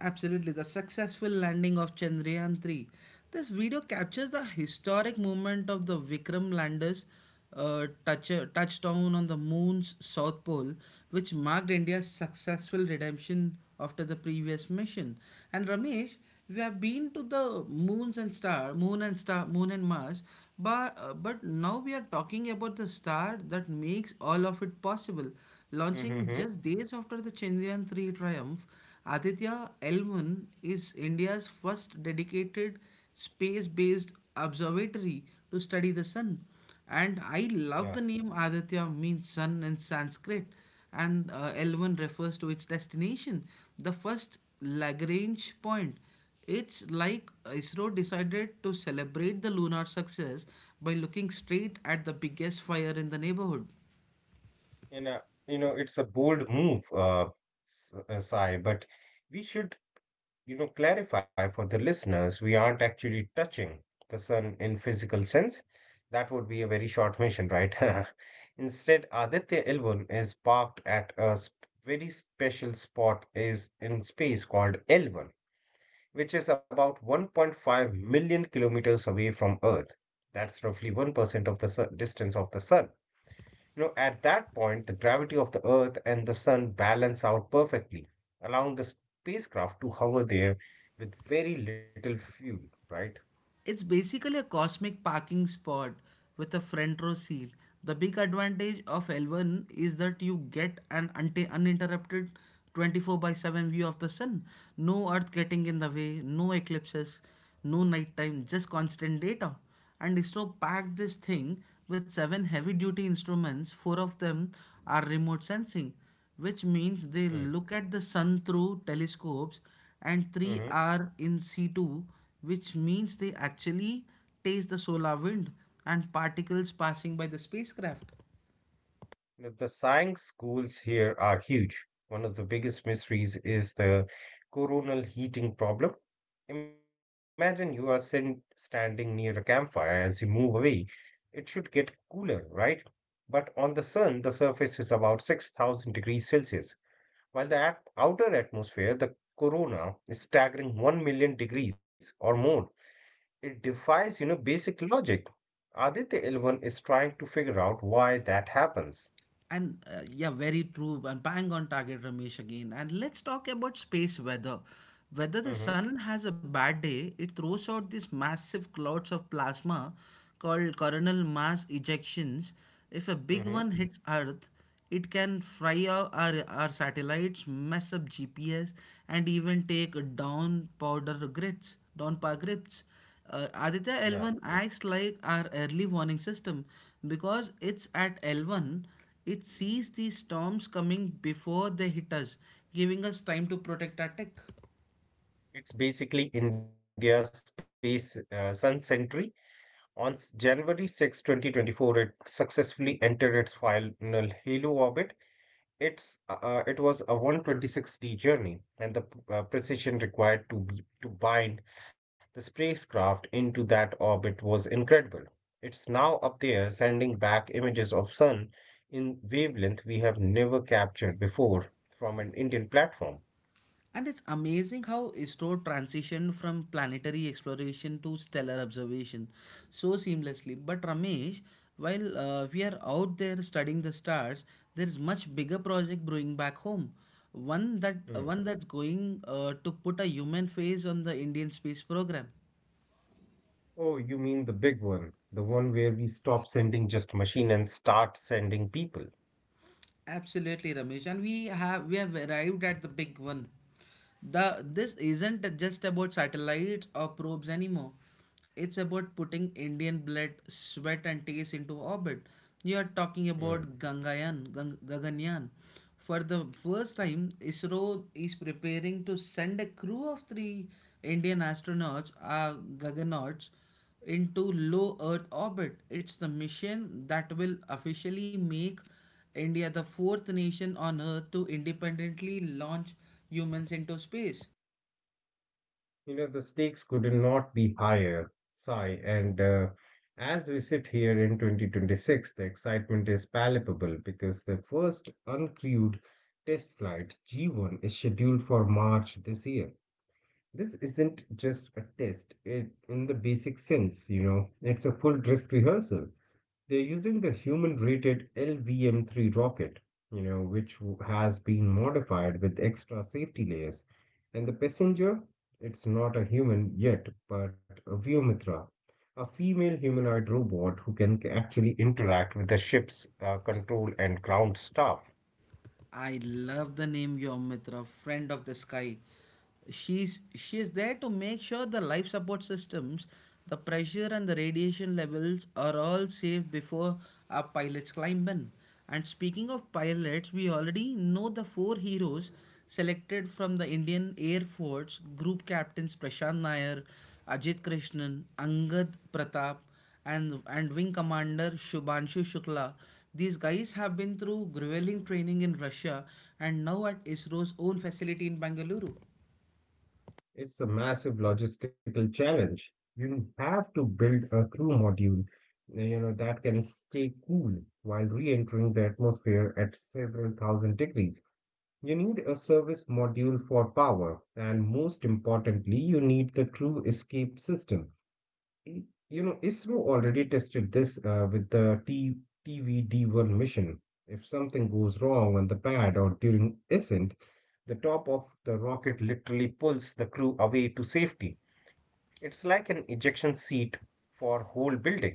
[SPEAKER 1] Absolutely, the successful landing of Chandrayaan three. This video captures the historic moment of the Vikram lander's uh, touch, touchdown on the moon's south pole, which marked India's successful redemption after the previous mission. And Ramesh, we have been to the moons and star, moon and star, moon and Mars, but uh, but now we are talking about the star that makes all of it possible. Launching
[SPEAKER 2] Mm-hmm.
[SPEAKER 1] just days after the Chandrayaan three triumph, Aditya L one is India's first dedicated space-based observatory to study the sun. And I love
[SPEAKER 2] Yeah.
[SPEAKER 1] the name. Aditya means sun in Sanskrit, and uh, L one refers to its destination, the first Lagrange point. It's like ISRO decided to celebrate the lunar success by looking straight at the biggest fire in the neighborhood.
[SPEAKER 2] And, uh, you know, it's a bold move, uh, S- uh, Sai, but we should, you know, clarify for the listeners, we aren't actually touching the sun in physical sense. That would be a very short mission, right? Instead, Aditya L one is parked at a sp- very special spot is in space called L one, which is about one point five million kilometers away from Earth. That's roughly one percent of the sun, distance of the sun. You know, at that point, the gravity of the Earth and the sun balance out perfectly, allowing the spacecraft to hover there with very little fuel, right?
[SPEAKER 1] It's basically a cosmic parking spot with a front row seat. The big advantage of L one is that you get an unti- uninterrupted twenty-four by seven view of the sun. No earth getting in the way, no eclipses, no nighttime, just constant data. And ISRO packed this thing with seven heavy duty instruments. Four of them are remote sensing, which means they look at the sun through telescopes, and three
[SPEAKER 2] Mm-hmm.
[SPEAKER 1] are in situ, which means they actually taste the solar wind and particles passing by the spacecraft.
[SPEAKER 2] know, The science goals here are huge. One of the biggest mysteries is the coronal heating problem. Imagine you are sen- standing near a campfire. As you move away, it should get cooler, right? But on the sun, the surface is about six thousand degrees Celsius, while the at- outer atmosphere, the corona, is staggering 1 million degrees or more. It defies, you know, basic logic. Aditya Elvan is trying to figure out why that happens.
[SPEAKER 1] And uh, yeah, very true and bang on target, Ramesh. Again, and let's talk about space weather. Whether the
[SPEAKER 2] Mm-hmm.
[SPEAKER 1] sun has a bad day, it throws out these massive clouds of plasma called coronal mass ejections. If a big one
[SPEAKER 2] Hmm.
[SPEAKER 1] hits earth, it can fry our, our satellites, mess up G P S, and even take down powder grids, down power grids. Uh, Aditya
[SPEAKER 2] Yeah,
[SPEAKER 1] L one acts like our early warning system. Because it's at L one, it sees these storms coming before they hit us, giving us time to protect our tech.
[SPEAKER 2] it's basically India's space, uh, sun century. On s- January six, two thousand twenty-four, it successfully entered its final halo orbit. It's uh, uh, it was a one hundred twenty-six day journey, and the p- uh, precision required to be, to bind the spacecraft into that orbit was incredible. It's now up there, sending back images of sun in wavelength we have never captured before from an Indian platform.
[SPEAKER 1] And it's amazing how ISRO transitioned from planetary exploration to stellar observation so seamlessly. But Ramesh, while uh, we are out there studying the stars, there is much bigger project brewing back home. One that uh,
[SPEAKER 2] Hmm.
[SPEAKER 1] one that's going uh, to put a human face on the Indian space program.
[SPEAKER 2] Oh, you mean the big one, the one where we stop sending just machine and start sending people.
[SPEAKER 1] Absolutely, Ramesh. And we have we have arrived at the big one. The This isn't just about satellites or probes anymore. It's about putting Indian blood, sweat, and tears into orbit. You are talking
[SPEAKER 2] Mm.
[SPEAKER 1] about Gangayan, Gang- Gaganyaan. For the first time, ISRO is preparing to send a crew of three Indian astronauts, uh, Gaganauts, into low Earth orbit. It's the mission that will officially make India the fourth nation on Earth to independently launch humans into space.
[SPEAKER 2] You know, the stakes could not be higher, Sigh. And uh, As we sit here in twenty twenty-six, the excitement is palpable because the first uncrewed test flight G one is scheduled for March this year. This isn't just a test it, in the basic sense, you know, it's a full dress rehearsal. They're using the human-rated L V M three rocket, you know, which w- has been modified with extra safety layers. And the passenger, it's not a human yet, but a Vyomitra, a female humanoid robot who can c- actually interact with the ship's uh, control and ground staff.
[SPEAKER 1] I love the name Yom Mitra, friend of the sky. She's she is there to make sure the life support systems, the pressure and the radiation levels are all safe before our pilots climb in. And speaking of pilots, we already know the four heroes selected from the Indian Air Force: group captains Prashant Nair, Ajit Krishnan, Angad Pratap, and and Wing Commander Shubhanshu Shukla. These guys have been through grueling training in Russia and now at ISRO's own facility in Bangalore.
[SPEAKER 2] It's a massive logistical challenge. You have to build a crew module, uh, you know, that can stay cool while re-entering the atmosphere at several thousand degrees. You need a service module for power, and most importantly, you need the true escape system. I- You know, ISRO already tested this uh, with the ttvd one mission. If something goes wrong on the pad or during ascent, the top of the rocket literally pulls the crew away to safety. It's like an ejection seat for whole building.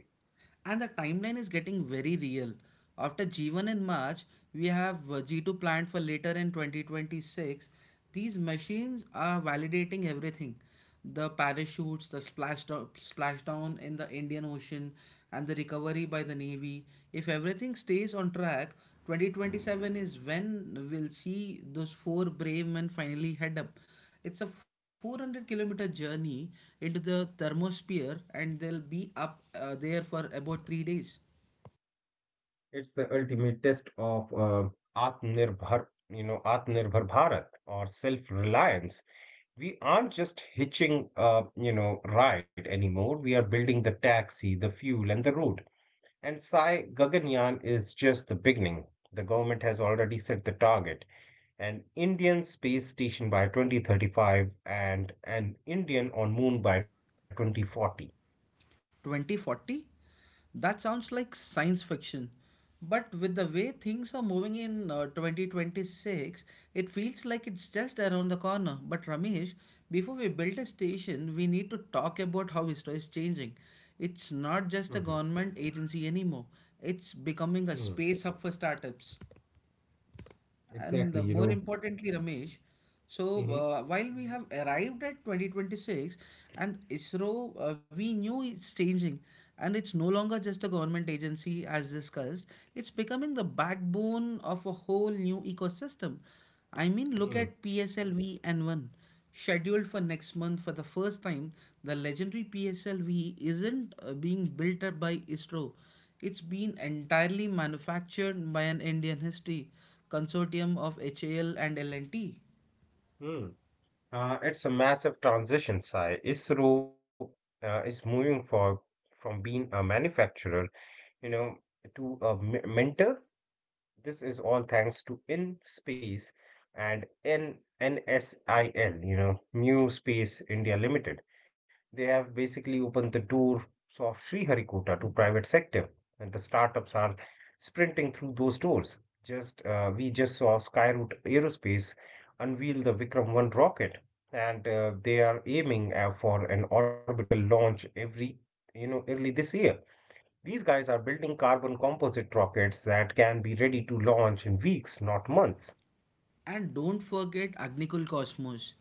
[SPEAKER 1] And the timeline is getting very real. After G one in March, we have uh, G two planned for later in twenty twenty-six. These machines are validating everything: the parachutes, the splashdown, splashdown in the Indian Ocean, and the recovery by the Navy. If everything stays on track, twenty twenty-seven is when we'll see those four brave men finally head up. It's a four hundred kilometer journey into the thermosphere, and they'll be up uh, there for about three days.
[SPEAKER 2] It's the ultimate test of uh, Atmanirbhar, you know, Atmanirbhar Bharat or self-reliance. We aren't just hitching a, you know, ride anymore. We are building the taxi, the fuel, and the road, and Sai, Gaganyaan is just the beginning. The government has already set the target, an Indian space station by twenty thirty-five, and an Indian on moon by twenty forty.
[SPEAKER 1] twenty forty? That sounds like science fiction. But with the way things are moving in uh, twenty twenty-six, it feels like it's just around the corner. But Ramesh, before we build a station, we need to talk about how ISRO is changing. It's not
[SPEAKER 2] hmm
[SPEAKER 1] just a government agency anymore, it's
[SPEAKER 2] hmm
[SPEAKER 1] becoming a space hub for startups.
[SPEAKER 2] exactly, you
[SPEAKER 1] And uh,
[SPEAKER 2] know.
[SPEAKER 1] more importantly, Ramesh, so
[SPEAKER 2] hmm
[SPEAKER 1] uh, while we have arrived at twenty twenty-six and ISRO, uh, we knew it's changing and it's no longer just a government agency as discussed, it's becoming the backbone of a whole new ecosystem. I mean, look
[SPEAKER 2] hmm
[SPEAKER 1] at P S L V N one scheduled for next month. For the first time the legendary P S L V isn't uh, being built up by ISRO, it's been entirely manufactured by an Indian history consortium of HAL and L and T.
[SPEAKER 2] hmm Uh, it's a massive transition, Sai. ISRO uh, is moving for from being a manufacturer, you know, to a me- mentor. This is all thanks to In Space and N NSIL, you know, New Space India Limited. They have basically opened the door of Sriharikota to private sector, and the startups are sprinting through those doors. Just uh, we just saw Skyroot Aerospace unveil the Vikram one rocket, and uh, they are aiming uh, for an orbital launch every, you know, early this year. These guys are building carbon composite rockets that can be ready to launch in weeks, not months.
[SPEAKER 1] And don't forget Agnikul Cosmos.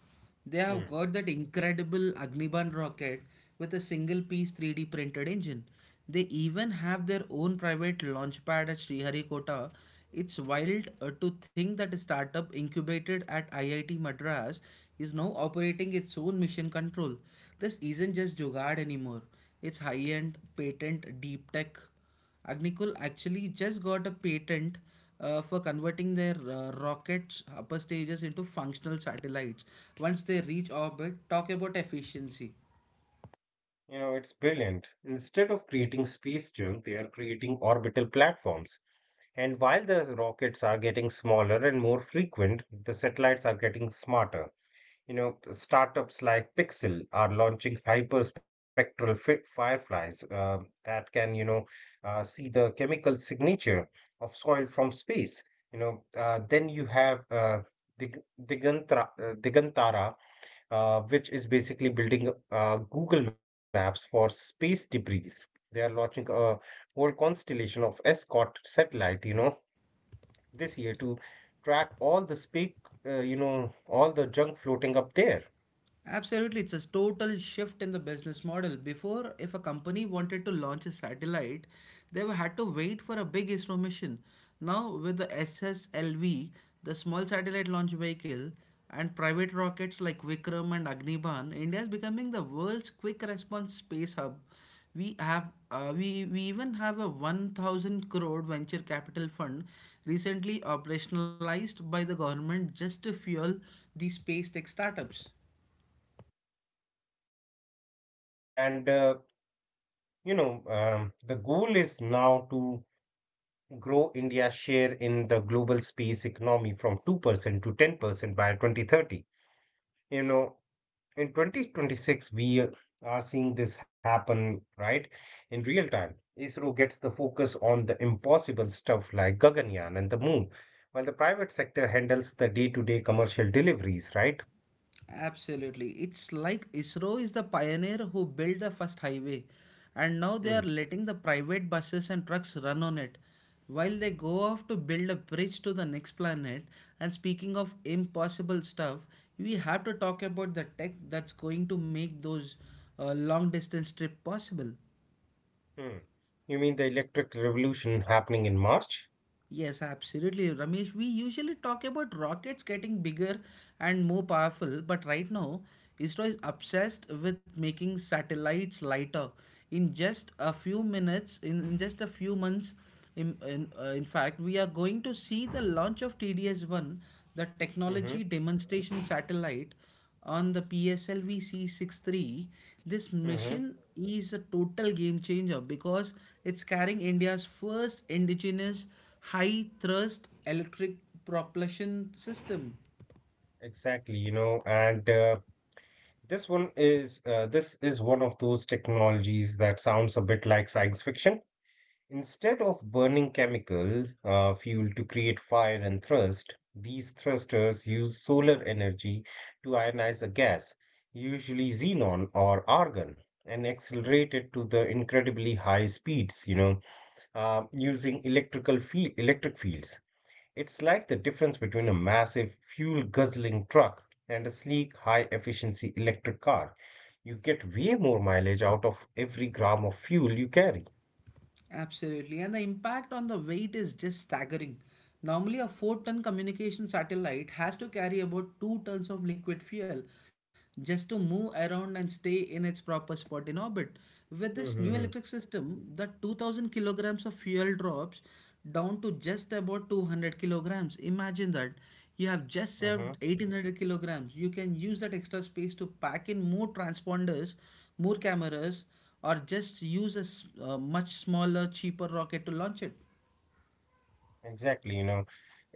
[SPEAKER 1] They have
[SPEAKER 2] Hmm.
[SPEAKER 1] got that incredible Agniban rocket with a single piece three D printed engine. They even have their own private launch pad at Sriharikota. It's wild uh, to think that a startup incubated at I I T Madras is now operating its own mission control. This isn't just Jugad anymore. It's high end, patent, deep tech. Agnicol actually just got a patent uh, for converting their uh, rockets' upper stages into functional satellites once they reach orbit. Talk about efficiency.
[SPEAKER 2] You know, it's brilliant. Instead of creating space junk, they are creating orbital platforms. And while the rockets are getting smaller and more frequent, the satellites are getting smarter. You know, startups like Pixel are launching hyperspectral fi- fireflies uh, that can, you know, uh, see the chemical signature of soil from space. You know, uh, then you have uh, Dig- Digantra, uh, Digantara, uh, which is basically building uh, Google Maps for space debris. They are launching a whole constellation of Escort satellite, you know, this year to track all the space, uh, you know, all the junk floating up there.
[SPEAKER 1] Absolutely, it's a total shift in the business model. Before, if a company wanted to launch a satellite, they were- had to wait for a big ISRO mission. Now, with the S S L V, the small satellite launch vehicle, and private rockets like Vikram and Agnibaan, India is becoming the world's quick response space hub. We have uh, we we even have a one thousand crore venture capital fund recently operationalized by the government just to fuel these space tech startups.
[SPEAKER 2] And uh, you know, um, the goal is now to grow India's share in the global space economy from two percent to ten percent by twenty thirty. You know, in twenty twenty-six, we uh, are seeing this happen, right, in real time. ISRO gets the focus on the impossible stuff like Gaganyaan and the moon, while the private sector handles the day-to-day commercial deliveries, right?
[SPEAKER 1] Absolutely. It's like ISRO is the pioneer who built the first highway, and now they are
[SPEAKER 2] Hmm.
[SPEAKER 1] letting the private buses and trucks run on it while they go off to build a bridge to the next planet. And speaking of impossible stuff, we have to talk about the tech that's going to make those uh, long distance trip possible.
[SPEAKER 2] Hmm. You mean the electric revolution happening in March?
[SPEAKER 1] Yes, absolutely, Ramesh. We usually talk about rockets getting bigger and more powerful, but right now, ISRO is obsessed with making satellites lighter. In just a few minutes, in, in just a few months, in, in, uh, in fact, we are going to see the launch of T D S one, the
[SPEAKER 2] Mm-hmm.
[SPEAKER 1] Technology Demonstration Satellite, on the P S L V C sixty-three. This
[SPEAKER 2] mm-hmm.
[SPEAKER 1] mission is a total game changer because it's carrying India's first indigenous high thrust electric propulsion system.
[SPEAKER 2] Exactly, you know, and uh, this one is uh, this is one of those technologies that sounds a bit like science fiction. Instead of burning chemical uh, fuel to create fire and thrust, these thrusters use solar energy to ionize a gas, usually xenon or argon, and accelerate it to the incredibly high speeds, you know, uh, using electrical field electric fields. It's like the difference between a massive fuel guzzling truck and a sleek, high efficiency electric car. You get way more mileage out of every gram of fuel you carry.
[SPEAKER 1] Absolutely. And the impact on the weight is just staggering. Normally, a four ton communication satellite has to carry about two tons of liquid fuel just to move around and stay in its proper spot in orbit. With this new
[SPEAKER 2] Mm-hmm.
[SPEAKER 1] electric system, the two thousand kilograms of fuel drops down to just about two hundred kilograms. Imagine that. You have just saved
[SPEAKER 2] hmm
[SPEAKER 1] eighteen hundred kilograms. You can use that extra space to pack in more transponders, more cameras, or just use a uh, much smaller, cheaper rocket to launch it.
[SPEAKER 2] Exactly. You know,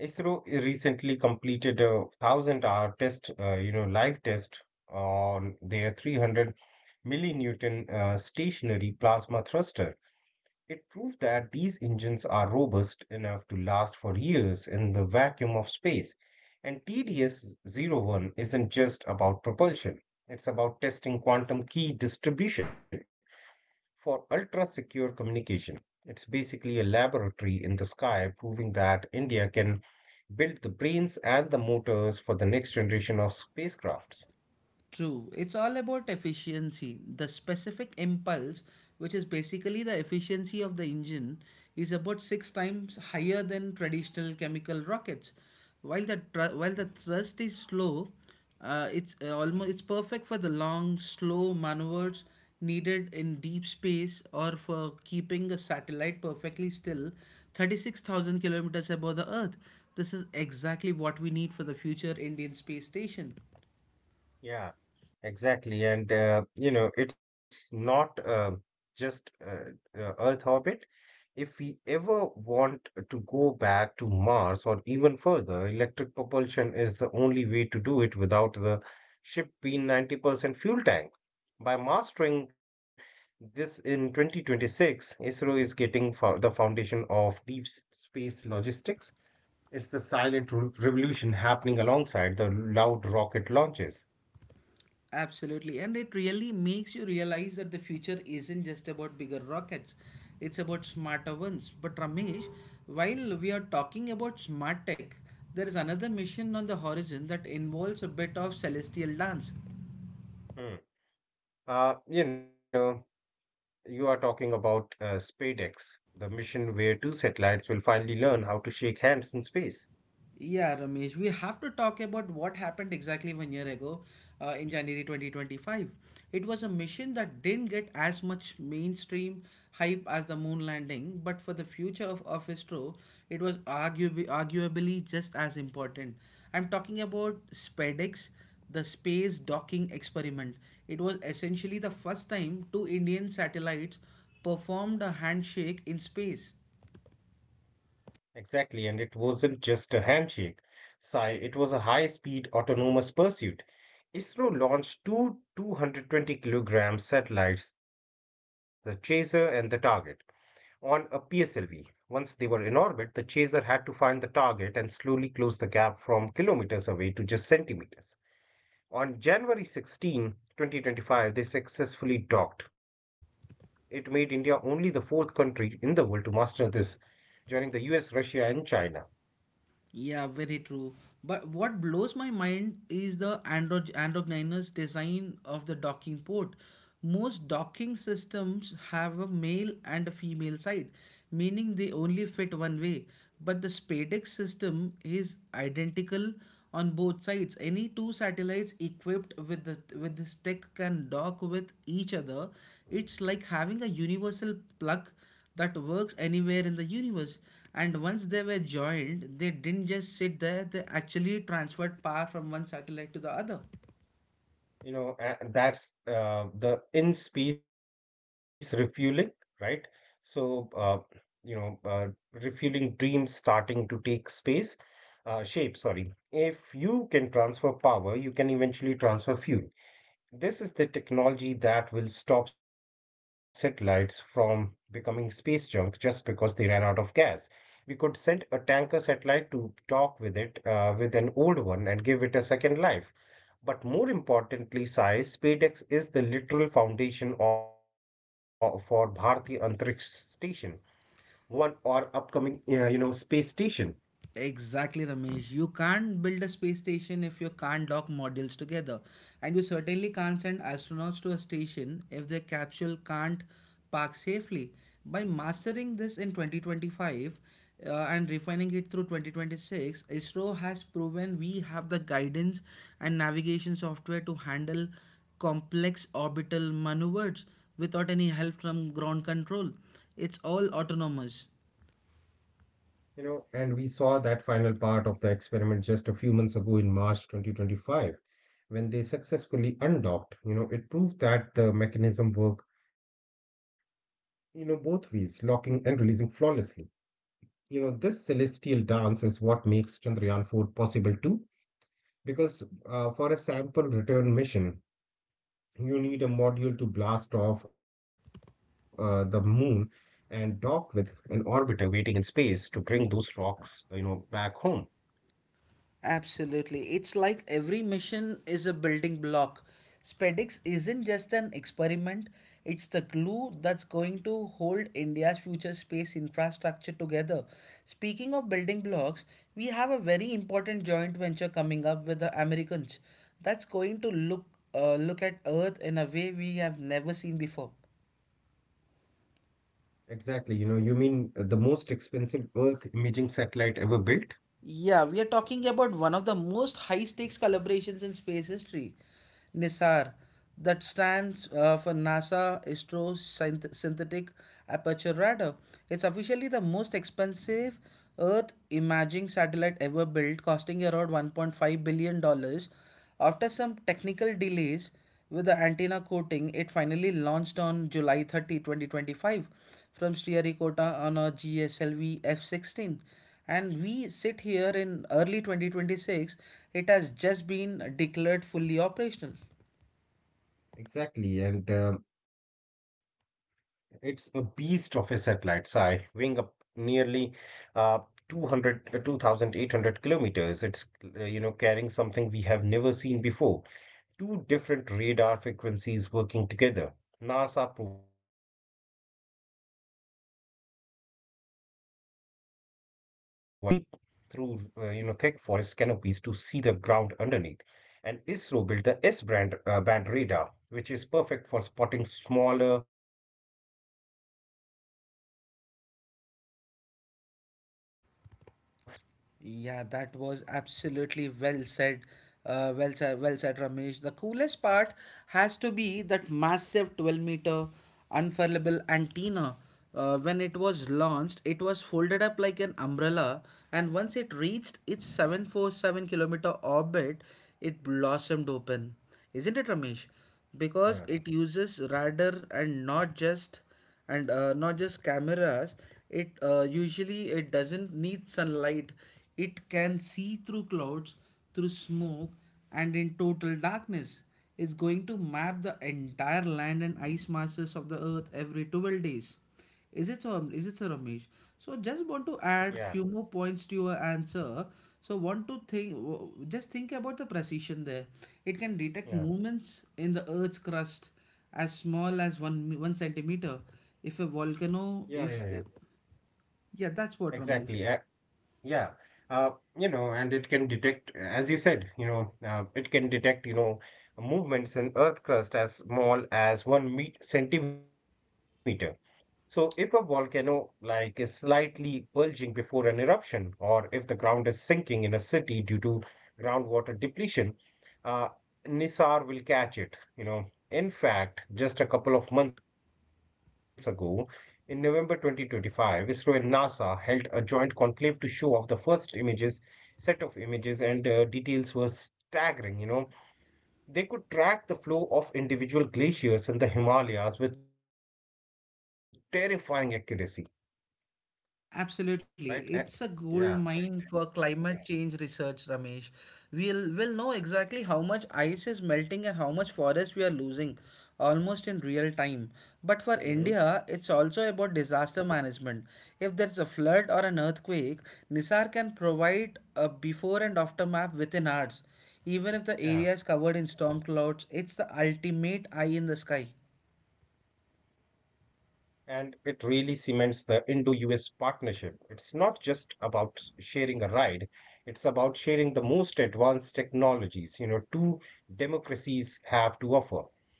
[SPEAKER 2] ISRO recently completed a one thousand hour test, uh, you know, live test on their three hundred millinewton uh, stationary plasma thruster. It proved that these engines are robust enough to last for years in the vacuum of space. And tds zero one isn't just about propulsion, it's about testing quantum key distribution for ultra-secure communication. It's basically a laboratory in the sky proving that India can build the brains and the motors for the next generation of spacecrafts.
[SPEAKER 1] True. It's all about efficiency. The specific impulse, which is basically the efficiency of the engine, is about six times higher than traditional chemical rockets. While the thr- while the thrust is slow, uh, it's uh, almost it's perfect for the long, slow maneuvers needed in deep space or for keeping a satellite perfectly still thirty-six thousand kilometers above the Earth. This is exactly what we need for the future Indian space station.
[SPEAKER 2] Yeah, exactly. And, uh, you know, it's not uh, just uh, uh, Earth orbit, if we ever want to go back to Mars or even further, electric propulsion is the only way to do it without the ship being ninety percent fuel tank. By mastering this in twenty twenty-six, ISRO is getting fo- the foundation of deep s- space logistics. It's the silent re- revolution happening alongside the loud rocket launches.
[SPEAKER 1] Absolutely, and it really makes you realize that the future isn't just about bigger rockets, it's about smarter ones. But Ramesh, while we are talking about smart tech, there is another mission on the horizon that involves a bit of celestial dance.
[SPEAKER 2] Hmm. Uh, you know, you are talking about uh, SpaceX, the mission where two satellites will finally learn how to shake hands in space.
[SPEAKER 1] Yeah, Ramesh, we have to talk about what happened exactly one year ago uh, in January twenty twenty-five. It was a mission that didn't get as much mainstream hype as the moon landing, but for the future of, of ISRO, it was arguably, arguably just as important. I'm talking about SpaceX, the Space Docking Experiment. It was essentially the first time two Indian satellites performed a handshake in space.
[SPEAKER 2] Exactly, and it wasn't just a handshake. Sai, it was a high-speed autonomous pursuit. ISRO launched two 220 kilogram satellites, the Chaser and the Target, on a P S L V. Once they were in orbit, the chaser had to find the target and slowly close the gap from kilometers away to just centimeters. On January sixteenth, twenty twenty-five, they successfully docked. It made India only the fourth country in the world to master this, joining the U S, Russia, and China.
[SPEAKER 1] Yeah, very true. But what blows my mind is the Android androgynous design of the docking port. Most docking systems have a male and a female side, meaning they only fit one way. But the SpaceX system is identical on both sides. Any two satellites equipped with the with this tech can dock with each other. It's like having a universal plug that works anywhere in the universe. And once they were joined, they didn't just sit there, they actually transferred power from one satellite to the other.
[SPEAKER 2] You know, a- and that's uh, the in space refueling, right? So, uh, you know, uh, refueling dreams starting to take space, uh, shape, sorry. If you can transfer power, you can eventually transfer fuel. This is the technology that will stop satellites from becoming space junk just because they ran out of gas. We could send a tanker satellite to talk with it, uh, with an old one and give it a second life. But more importantly, Sai, SpaceX is the literal foundation of, for Bharti Antariksha Station, one or upcoming, uh, you know, space station.
[SPEAKER 1] Exactly, Ramesh. You can't build a space station if you can't dock modules together. And you certainly can't send astronauts to a station if their capsule can't park safely. By mastering this in twenty twenty-five uh, and refining it through twenty twenty-six, ISRO has proven we have the guidance and navigation software to handle complex orbital maneuvers without any help from ground control. It's all autonomous.
[SPEAKER 2] You know, and we saw that final part of the experiment just a few months ago in March twenty twenty-five, when they successfully undocked. You know, it proved that the mechanism worked, you know, both ways, locking and releasing flawlessly. You know, this celestial dance is what makes Chandrayaan four possible too, because uh, for a sample return mission, you need a module to blast off uh, the moon and dock with an orbiter waiting in space to bring those rocks, uh, you know, back home.
[SPEAKER 1] Absolutely. It's like every mission is a building block. Spacex isn't just an experiment, it's the glue that's going to hold India's future space infrastructure together. Speaking of building blocks, we have a very important joint venture coming up with the Americans that's going to look uh, look at Earth in a way we have never seen before.
[SPEAKER 2] Exactly. You know, you mean uh, the most expensive Earth imaging satellite ever built?
[SPEAKER 1] Yeah, we are talking about one of the most high stakes collaborations in space history, NISAR, that stands uh, for NASA Astro Synth- Synthetic Aperture Radar. It's officially the most expensive Earth imaging satellite ever built, costing around $1.5 billion dollars. After some technical delays with the antenna coating, it finally launched on July thirtieth, twenty twenty-five from Sriharikota on a G S L V F sixteen. And we sit here in early twenty twenty-six, it has just been declared fully operational.
[SPEAKER 2] Exactly. And uh, it's a beast of a satellite, Sai, weighing up nearly uh, two hundred, uh, two thousand eight hundred kilometers. It's, uh, you know, carrying something we have never seen before, two different radar frequencies working together. NASA provided the L-band radar, which uh, you know can penetrate deep through uh, you know thick forest canopies to see the ground underneath, and ISRO built the S-band uh, band radar, which is perfect for spotting smaller surface like crop growth or the movement of ice.
[SPEAKER 1] Yeah, that was absolutely well said. Uh, well said, well said, Ramesh. The coolest part has to be that massive twelve meter unfurlable antenna. Uh, when
[SPEAKER 2] Mhm.
[SPEAKER 1] it was launched, it was folded up like an umbrella, and once it reached its seven four seven kilometer orbit, it blossomed open. Isn't it, Ramesh?
[SPEAKER 2] Yeah.
[SPEAKER 1] Because it uses radar and not just and uh, not just cameras. It uh, usually it doesn't need sunlight. It can see through clouds, through smoke, and in total darkness. It's going to map the entire land and ice masses of the earth every twelve days. Is it so? um, Is it so, Ramesh? So just
[SPEAKER 2] Yeah,
[SPEAKER 1] want to add few more points to your answer. So want to think, w- just think about the precision there. It can detect
[SPEAKER 2] yeah,
[SPEAKER 1] movements in the Earth's crust as small as one me- one centimeter. If a
[SPEAKER 2] yeah, yeah, yeah.
[SPEAKER 1] volcano is, yeah,
[SPEAKER 2] Exactly.
[SPEAKER 1] that's what Ramesh.
[SPEAKER 2] Yeah, uh, you know, and it can detect, as you said, you know, uh, it can detect, you know, movements in Earth crust as small as one meet centimeter. So, if a volcano like is slightly bulging before an eruption, or if the ground is sinking in a city due to groundwater depletion, uh, Nisar will catch it. You know, in fact, just a couple of months ago, in November twenty twenty-five, ISRO and NASA held a joint conclave to show off the first images, set of images, and uh, details were staggering. You know, they could track the flow of individual glaciers in the Himalayas with terrifying accuracy, right? A-
[SPEAKER 1] Absolutely. It's a
[SPEAKER 2] yeah,
[SPEAKER 1] gold mine for climate change research, Ramesh. We'll will know exactly how much ice is melting and how much forest we are losing almost in real time. But for
[SPEAKER 2] hmm
[SPEAKER 1] India, it's also about disaster management. If there's a flood or an earthquake, NISAR can provide a before and after map within hours. Even if the
[SPEAKER 2] yeah.
[SPEAKER 1] area is covered in storm clouds, it's the ultimate eye in the sky.
[SPEAKER 2] And it really cements the Indo-U S partnership. It's not just about sharing a ride, it's about sharing the most advanced technologies, you know, two democracies have to offer.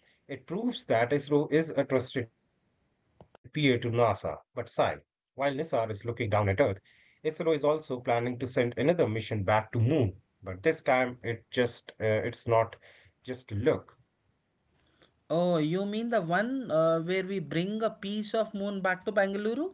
[SPEAKER 2] It proves that ISRO is a trusted peer to NASA. But Sai, while NISR is looking down at Earth, ISRO is also planning to send another mission back to Moon. But this time, it just uh, it's not just look.
[SPEAKER 1] Oh, you mean the one uh, where we bring a piece of moon back to Bangalore?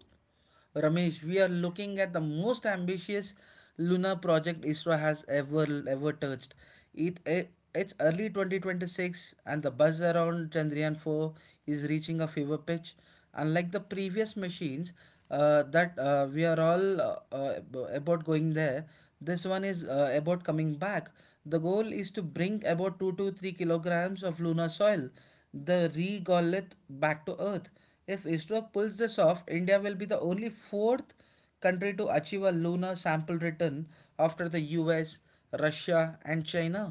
[SPEAKER 1] Ramesh, we are looking at the most ambitious lunar project ISRO has ever ever touched. It, it it's early twenty twenty-six and the buzz around Chandrayaan four is reaching a fever pitch. Unlike the previous machines uh, that uh, we are all uh, uh, about going there, this one is uh, about coming back. The goal is to bring about two to three kilograms of lunar soil, the regolith, back to earth. If isro pulls this off, india will be the only fourth country to achieve a lunar sample return, after the us, russia and china.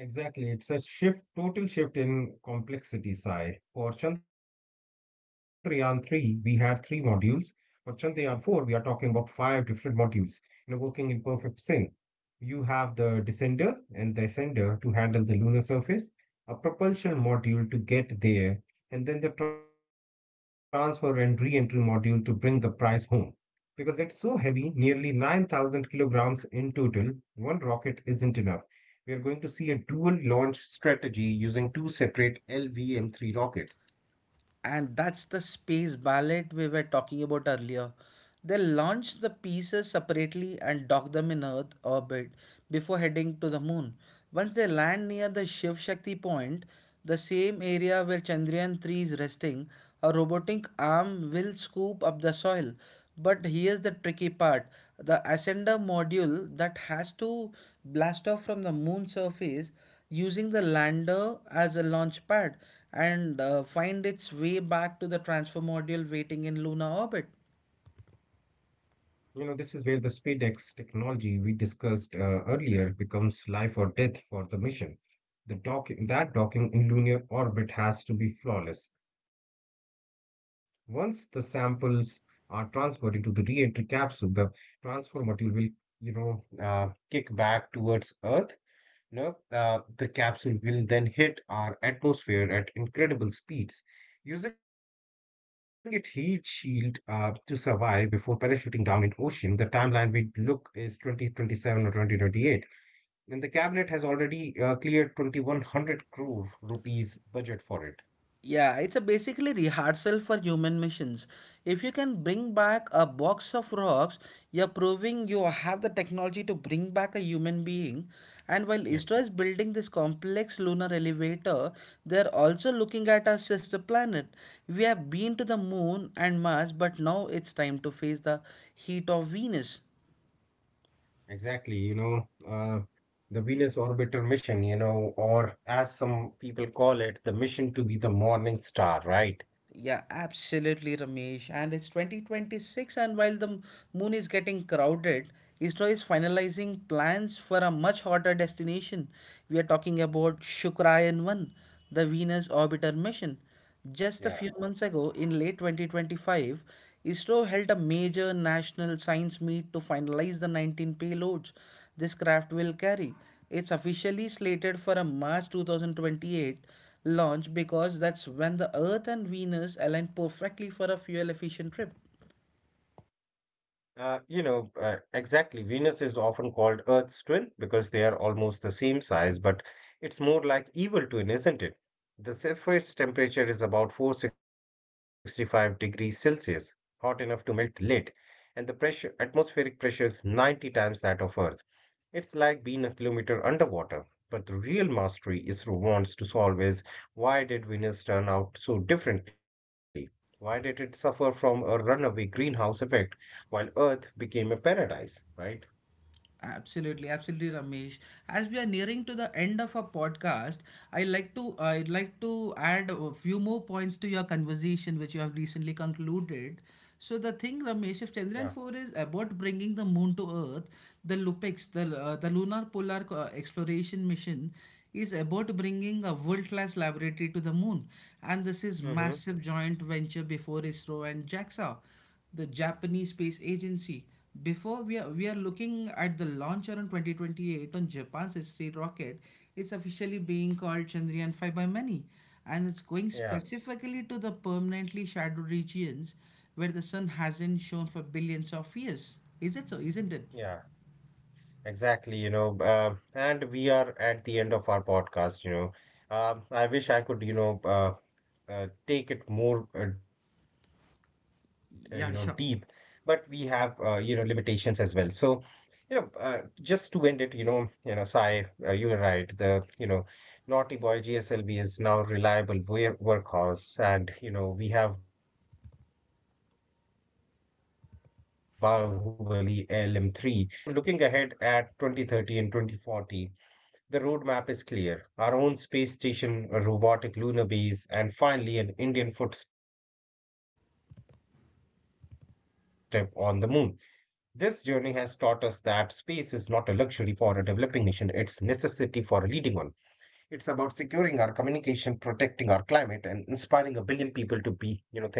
[SPEAKER 2] Exactly. It's a shift, total shift in complexity side. For Chandrayaan three, we had three modules. For Chandrayaan four, we are talking about five different modules, you know, working in perfect sync. You have the descender and the ascender to handle the lunar surface, a propulsion module to get there, and then the transfer and re entry module to bring the prize home. Because it's so heavy, nearly nine thousand kilograms in total, one rocket isn't enough. We are going to see a dual launch strategy using two separate L V M three rockets.
[SPEAKER 1] And that's the space ballet we were talking about earlier. They launch the pieces separately and dock them in Earth orbit before heading to the moon. Once they land near the Shiv Shakti point, the same area where Chandrayaan three is resting, a robotic arm will scoop up the soil. But here's the tricky part: the ascender module that has to blast off from the moon surface using the lander as a launch pad and uh, find its way back to the transfer module waiting in lunar orbit.
[SPEAKER 2] You know, this is where the SpaceX technology we discussed uh, earlier becomes life or death for the mission. The docking, that docking in lunar orbit has to be flawless. Once the samples are transferred into the re-entry capsule, the transfer module will, you know, uh, kick back towards Earth. No, uh, the capsule will then hit our atmosphere at incredible speeds, using its heat shield uh, to survive before parachuting down in ocean. The timeline we look is twenty twenty-seven or twenty twenty-eight. And the cabinet has already uh, cleared twenty-one hundred crore rupees budget for it.
[SPEAKER 1] Yeah, it's a basically rehearsal for human missions. If you can bring back a box of rocks, you're proving you have the technology to bring back a human being. And while
[SPEAKER 2] Yeah,
[SPEAKER 1] ISRO is building this complex lunar elevator, they're also looking at our sister planet. We have been to the moon and Mars, but now it's time to face the heat of Venus.
[SPEAKER 2] exactly. You know, uh, the Venus orbiter mission, you know, or as some people call it, the mission to be the morning star, right?
[SPEAKER 1] Yeah, absolutely, Ramesh. And it's twenty twenty-six, and while the moon is getting crowded, ISRO is finalizing plans for a much hotter destination. We are talking about Shukrayan one, the Venus orbiter mission. Just a
[SPEAKER 2] Yeah.
[SPEAKER 1] few months ago, in late twenty twenty-five, ISRO held a major national science meet to finalize the nineteen payloads this craft will carry. It's officially slated for a March two thousand twenty-eight launch because that's when the Earth and Venus align perfectly for a fuel efficient trip.
[SPEAKER 2] Uh, you know, uh, exactly. Venus is often called Earth's twin because they are almost the same size, but it's more like evil twin, isn't it? The surface temperature is about four hundred sixty-five degrees Celsius, hot enough to melt lead, and the pressure, atmospheric pressure is ninety times that of Earth. It's like being a kilometer underwater. But the real mastery is wants to solve is why did Venus turn out so differently? Why did it suffer from a runaway greenhouse effect while Earth became a paradise, right?
[SPEAKER 1] Absolutely, absolutely, Ramesh. As we are nearing to the end of our podcast, I like to I'd like to add a few more points to your conversation which you have recently concluded. So the thing,
[SPEAKER 2] Yeah.
[SPEAKER 1] Ramesh, if Chandrayaan four is about bringing the moon to Earth, the Lupex, the uh, the Lunar Polar uh, Exploration Mission, is about bringing a world-class laboratory to the moon, and this is
[SPEAKER 2] Mm-hmm.
[SPEAKER 1] massive joint venture before ISRO and JAXA, the Japanese Space Agency. Before we are, we are looking at the launch around twenty twenty-eight on Japan's History rocket. It's officially being called Chandrayaan five by many, and it's going
[SPEAKER 2] Yeah.
[SPEAKER 1] specifically to the permanently shadowed regions where the sun hasn't shone for billions of years. Is it so?
[SPEAKER 2] Yeah.
[SPEAKER 1] Isn't it?
[SPEAKER 2] Exactly. You know, uh, and we are at the end of our podcast, you know. Um, I wish I could, you know, uh, uh, take it more uh, uh, you know deep, but we
[SPEAKER 1] Yeah,
[SPEAKER 2] have,
[SPEAKER 1] sure.
[SPEAKER 2] uh, you know, limitations as well, so you know uh, just to end it, you know you know Sai, uh, you are right. The you know Naughty Boy G S L V is now reliable wear- workhorse, and you know we have Bahubali L M three is about uh, become a chariot for Indian astronaut. So looking ahead at twenty thirty and twenty forty, the roadmap is clear, our own space station, a robotic lunar base, and finally an Indian footstep on the moon. This journey has taught us that space is not a luxury for a developing nation, it's a necessity for a leading one. It's about securing our communication, protecting our climate, and inspiring a billion people to be, you know, think beyond their circumstances.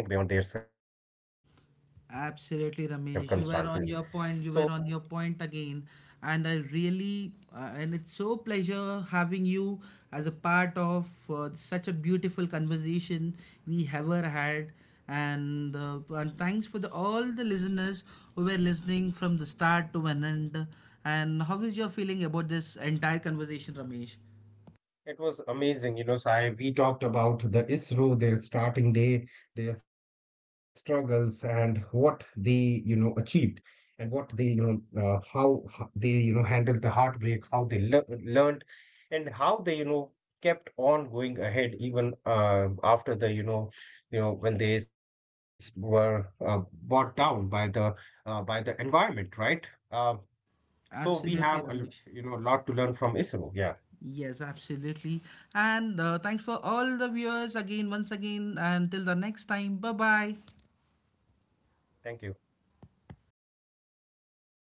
[SPEAKER 2] So that will be all from my end, Sai.
[SPEAKER 1] Absolutely, Ramesh. You were on your point. You were on your point again, and I really uh, and it's so pleasure having you as a part of uh, such a beautiful conversation we ever had. And uh, and thanks for the all the listeners who were listening from the start to an end. And how is your feeling about this entire conversation, Ramesh?
[SPEAKER 2] It was amazing, you know, Sai. We talked about the ISRO, their starting day, their struggles, and what they, you know, achieved, and what they, you know, uh, how h- they, you know, handled the heartbreak, how they lear- learned, and how they, you know, kept on going ahead even uh, after the, you know, you know, when they s- were uh, brought down by the uh, by the environment, right? Uh, so we have a,
[SPEAKER 1] Absolutely,
[SPEAKER 2] l-
[SPEAKER 1] Ramesh.
[SPEAKER 2] you know, a lot to learn from ISRO. Yeah.
[SPEAKER 1] Yes, absolutely. And uh, thanks for all the viewers again, once again. Until the next time, bye bye.
[SPEAKER 2] Thank you.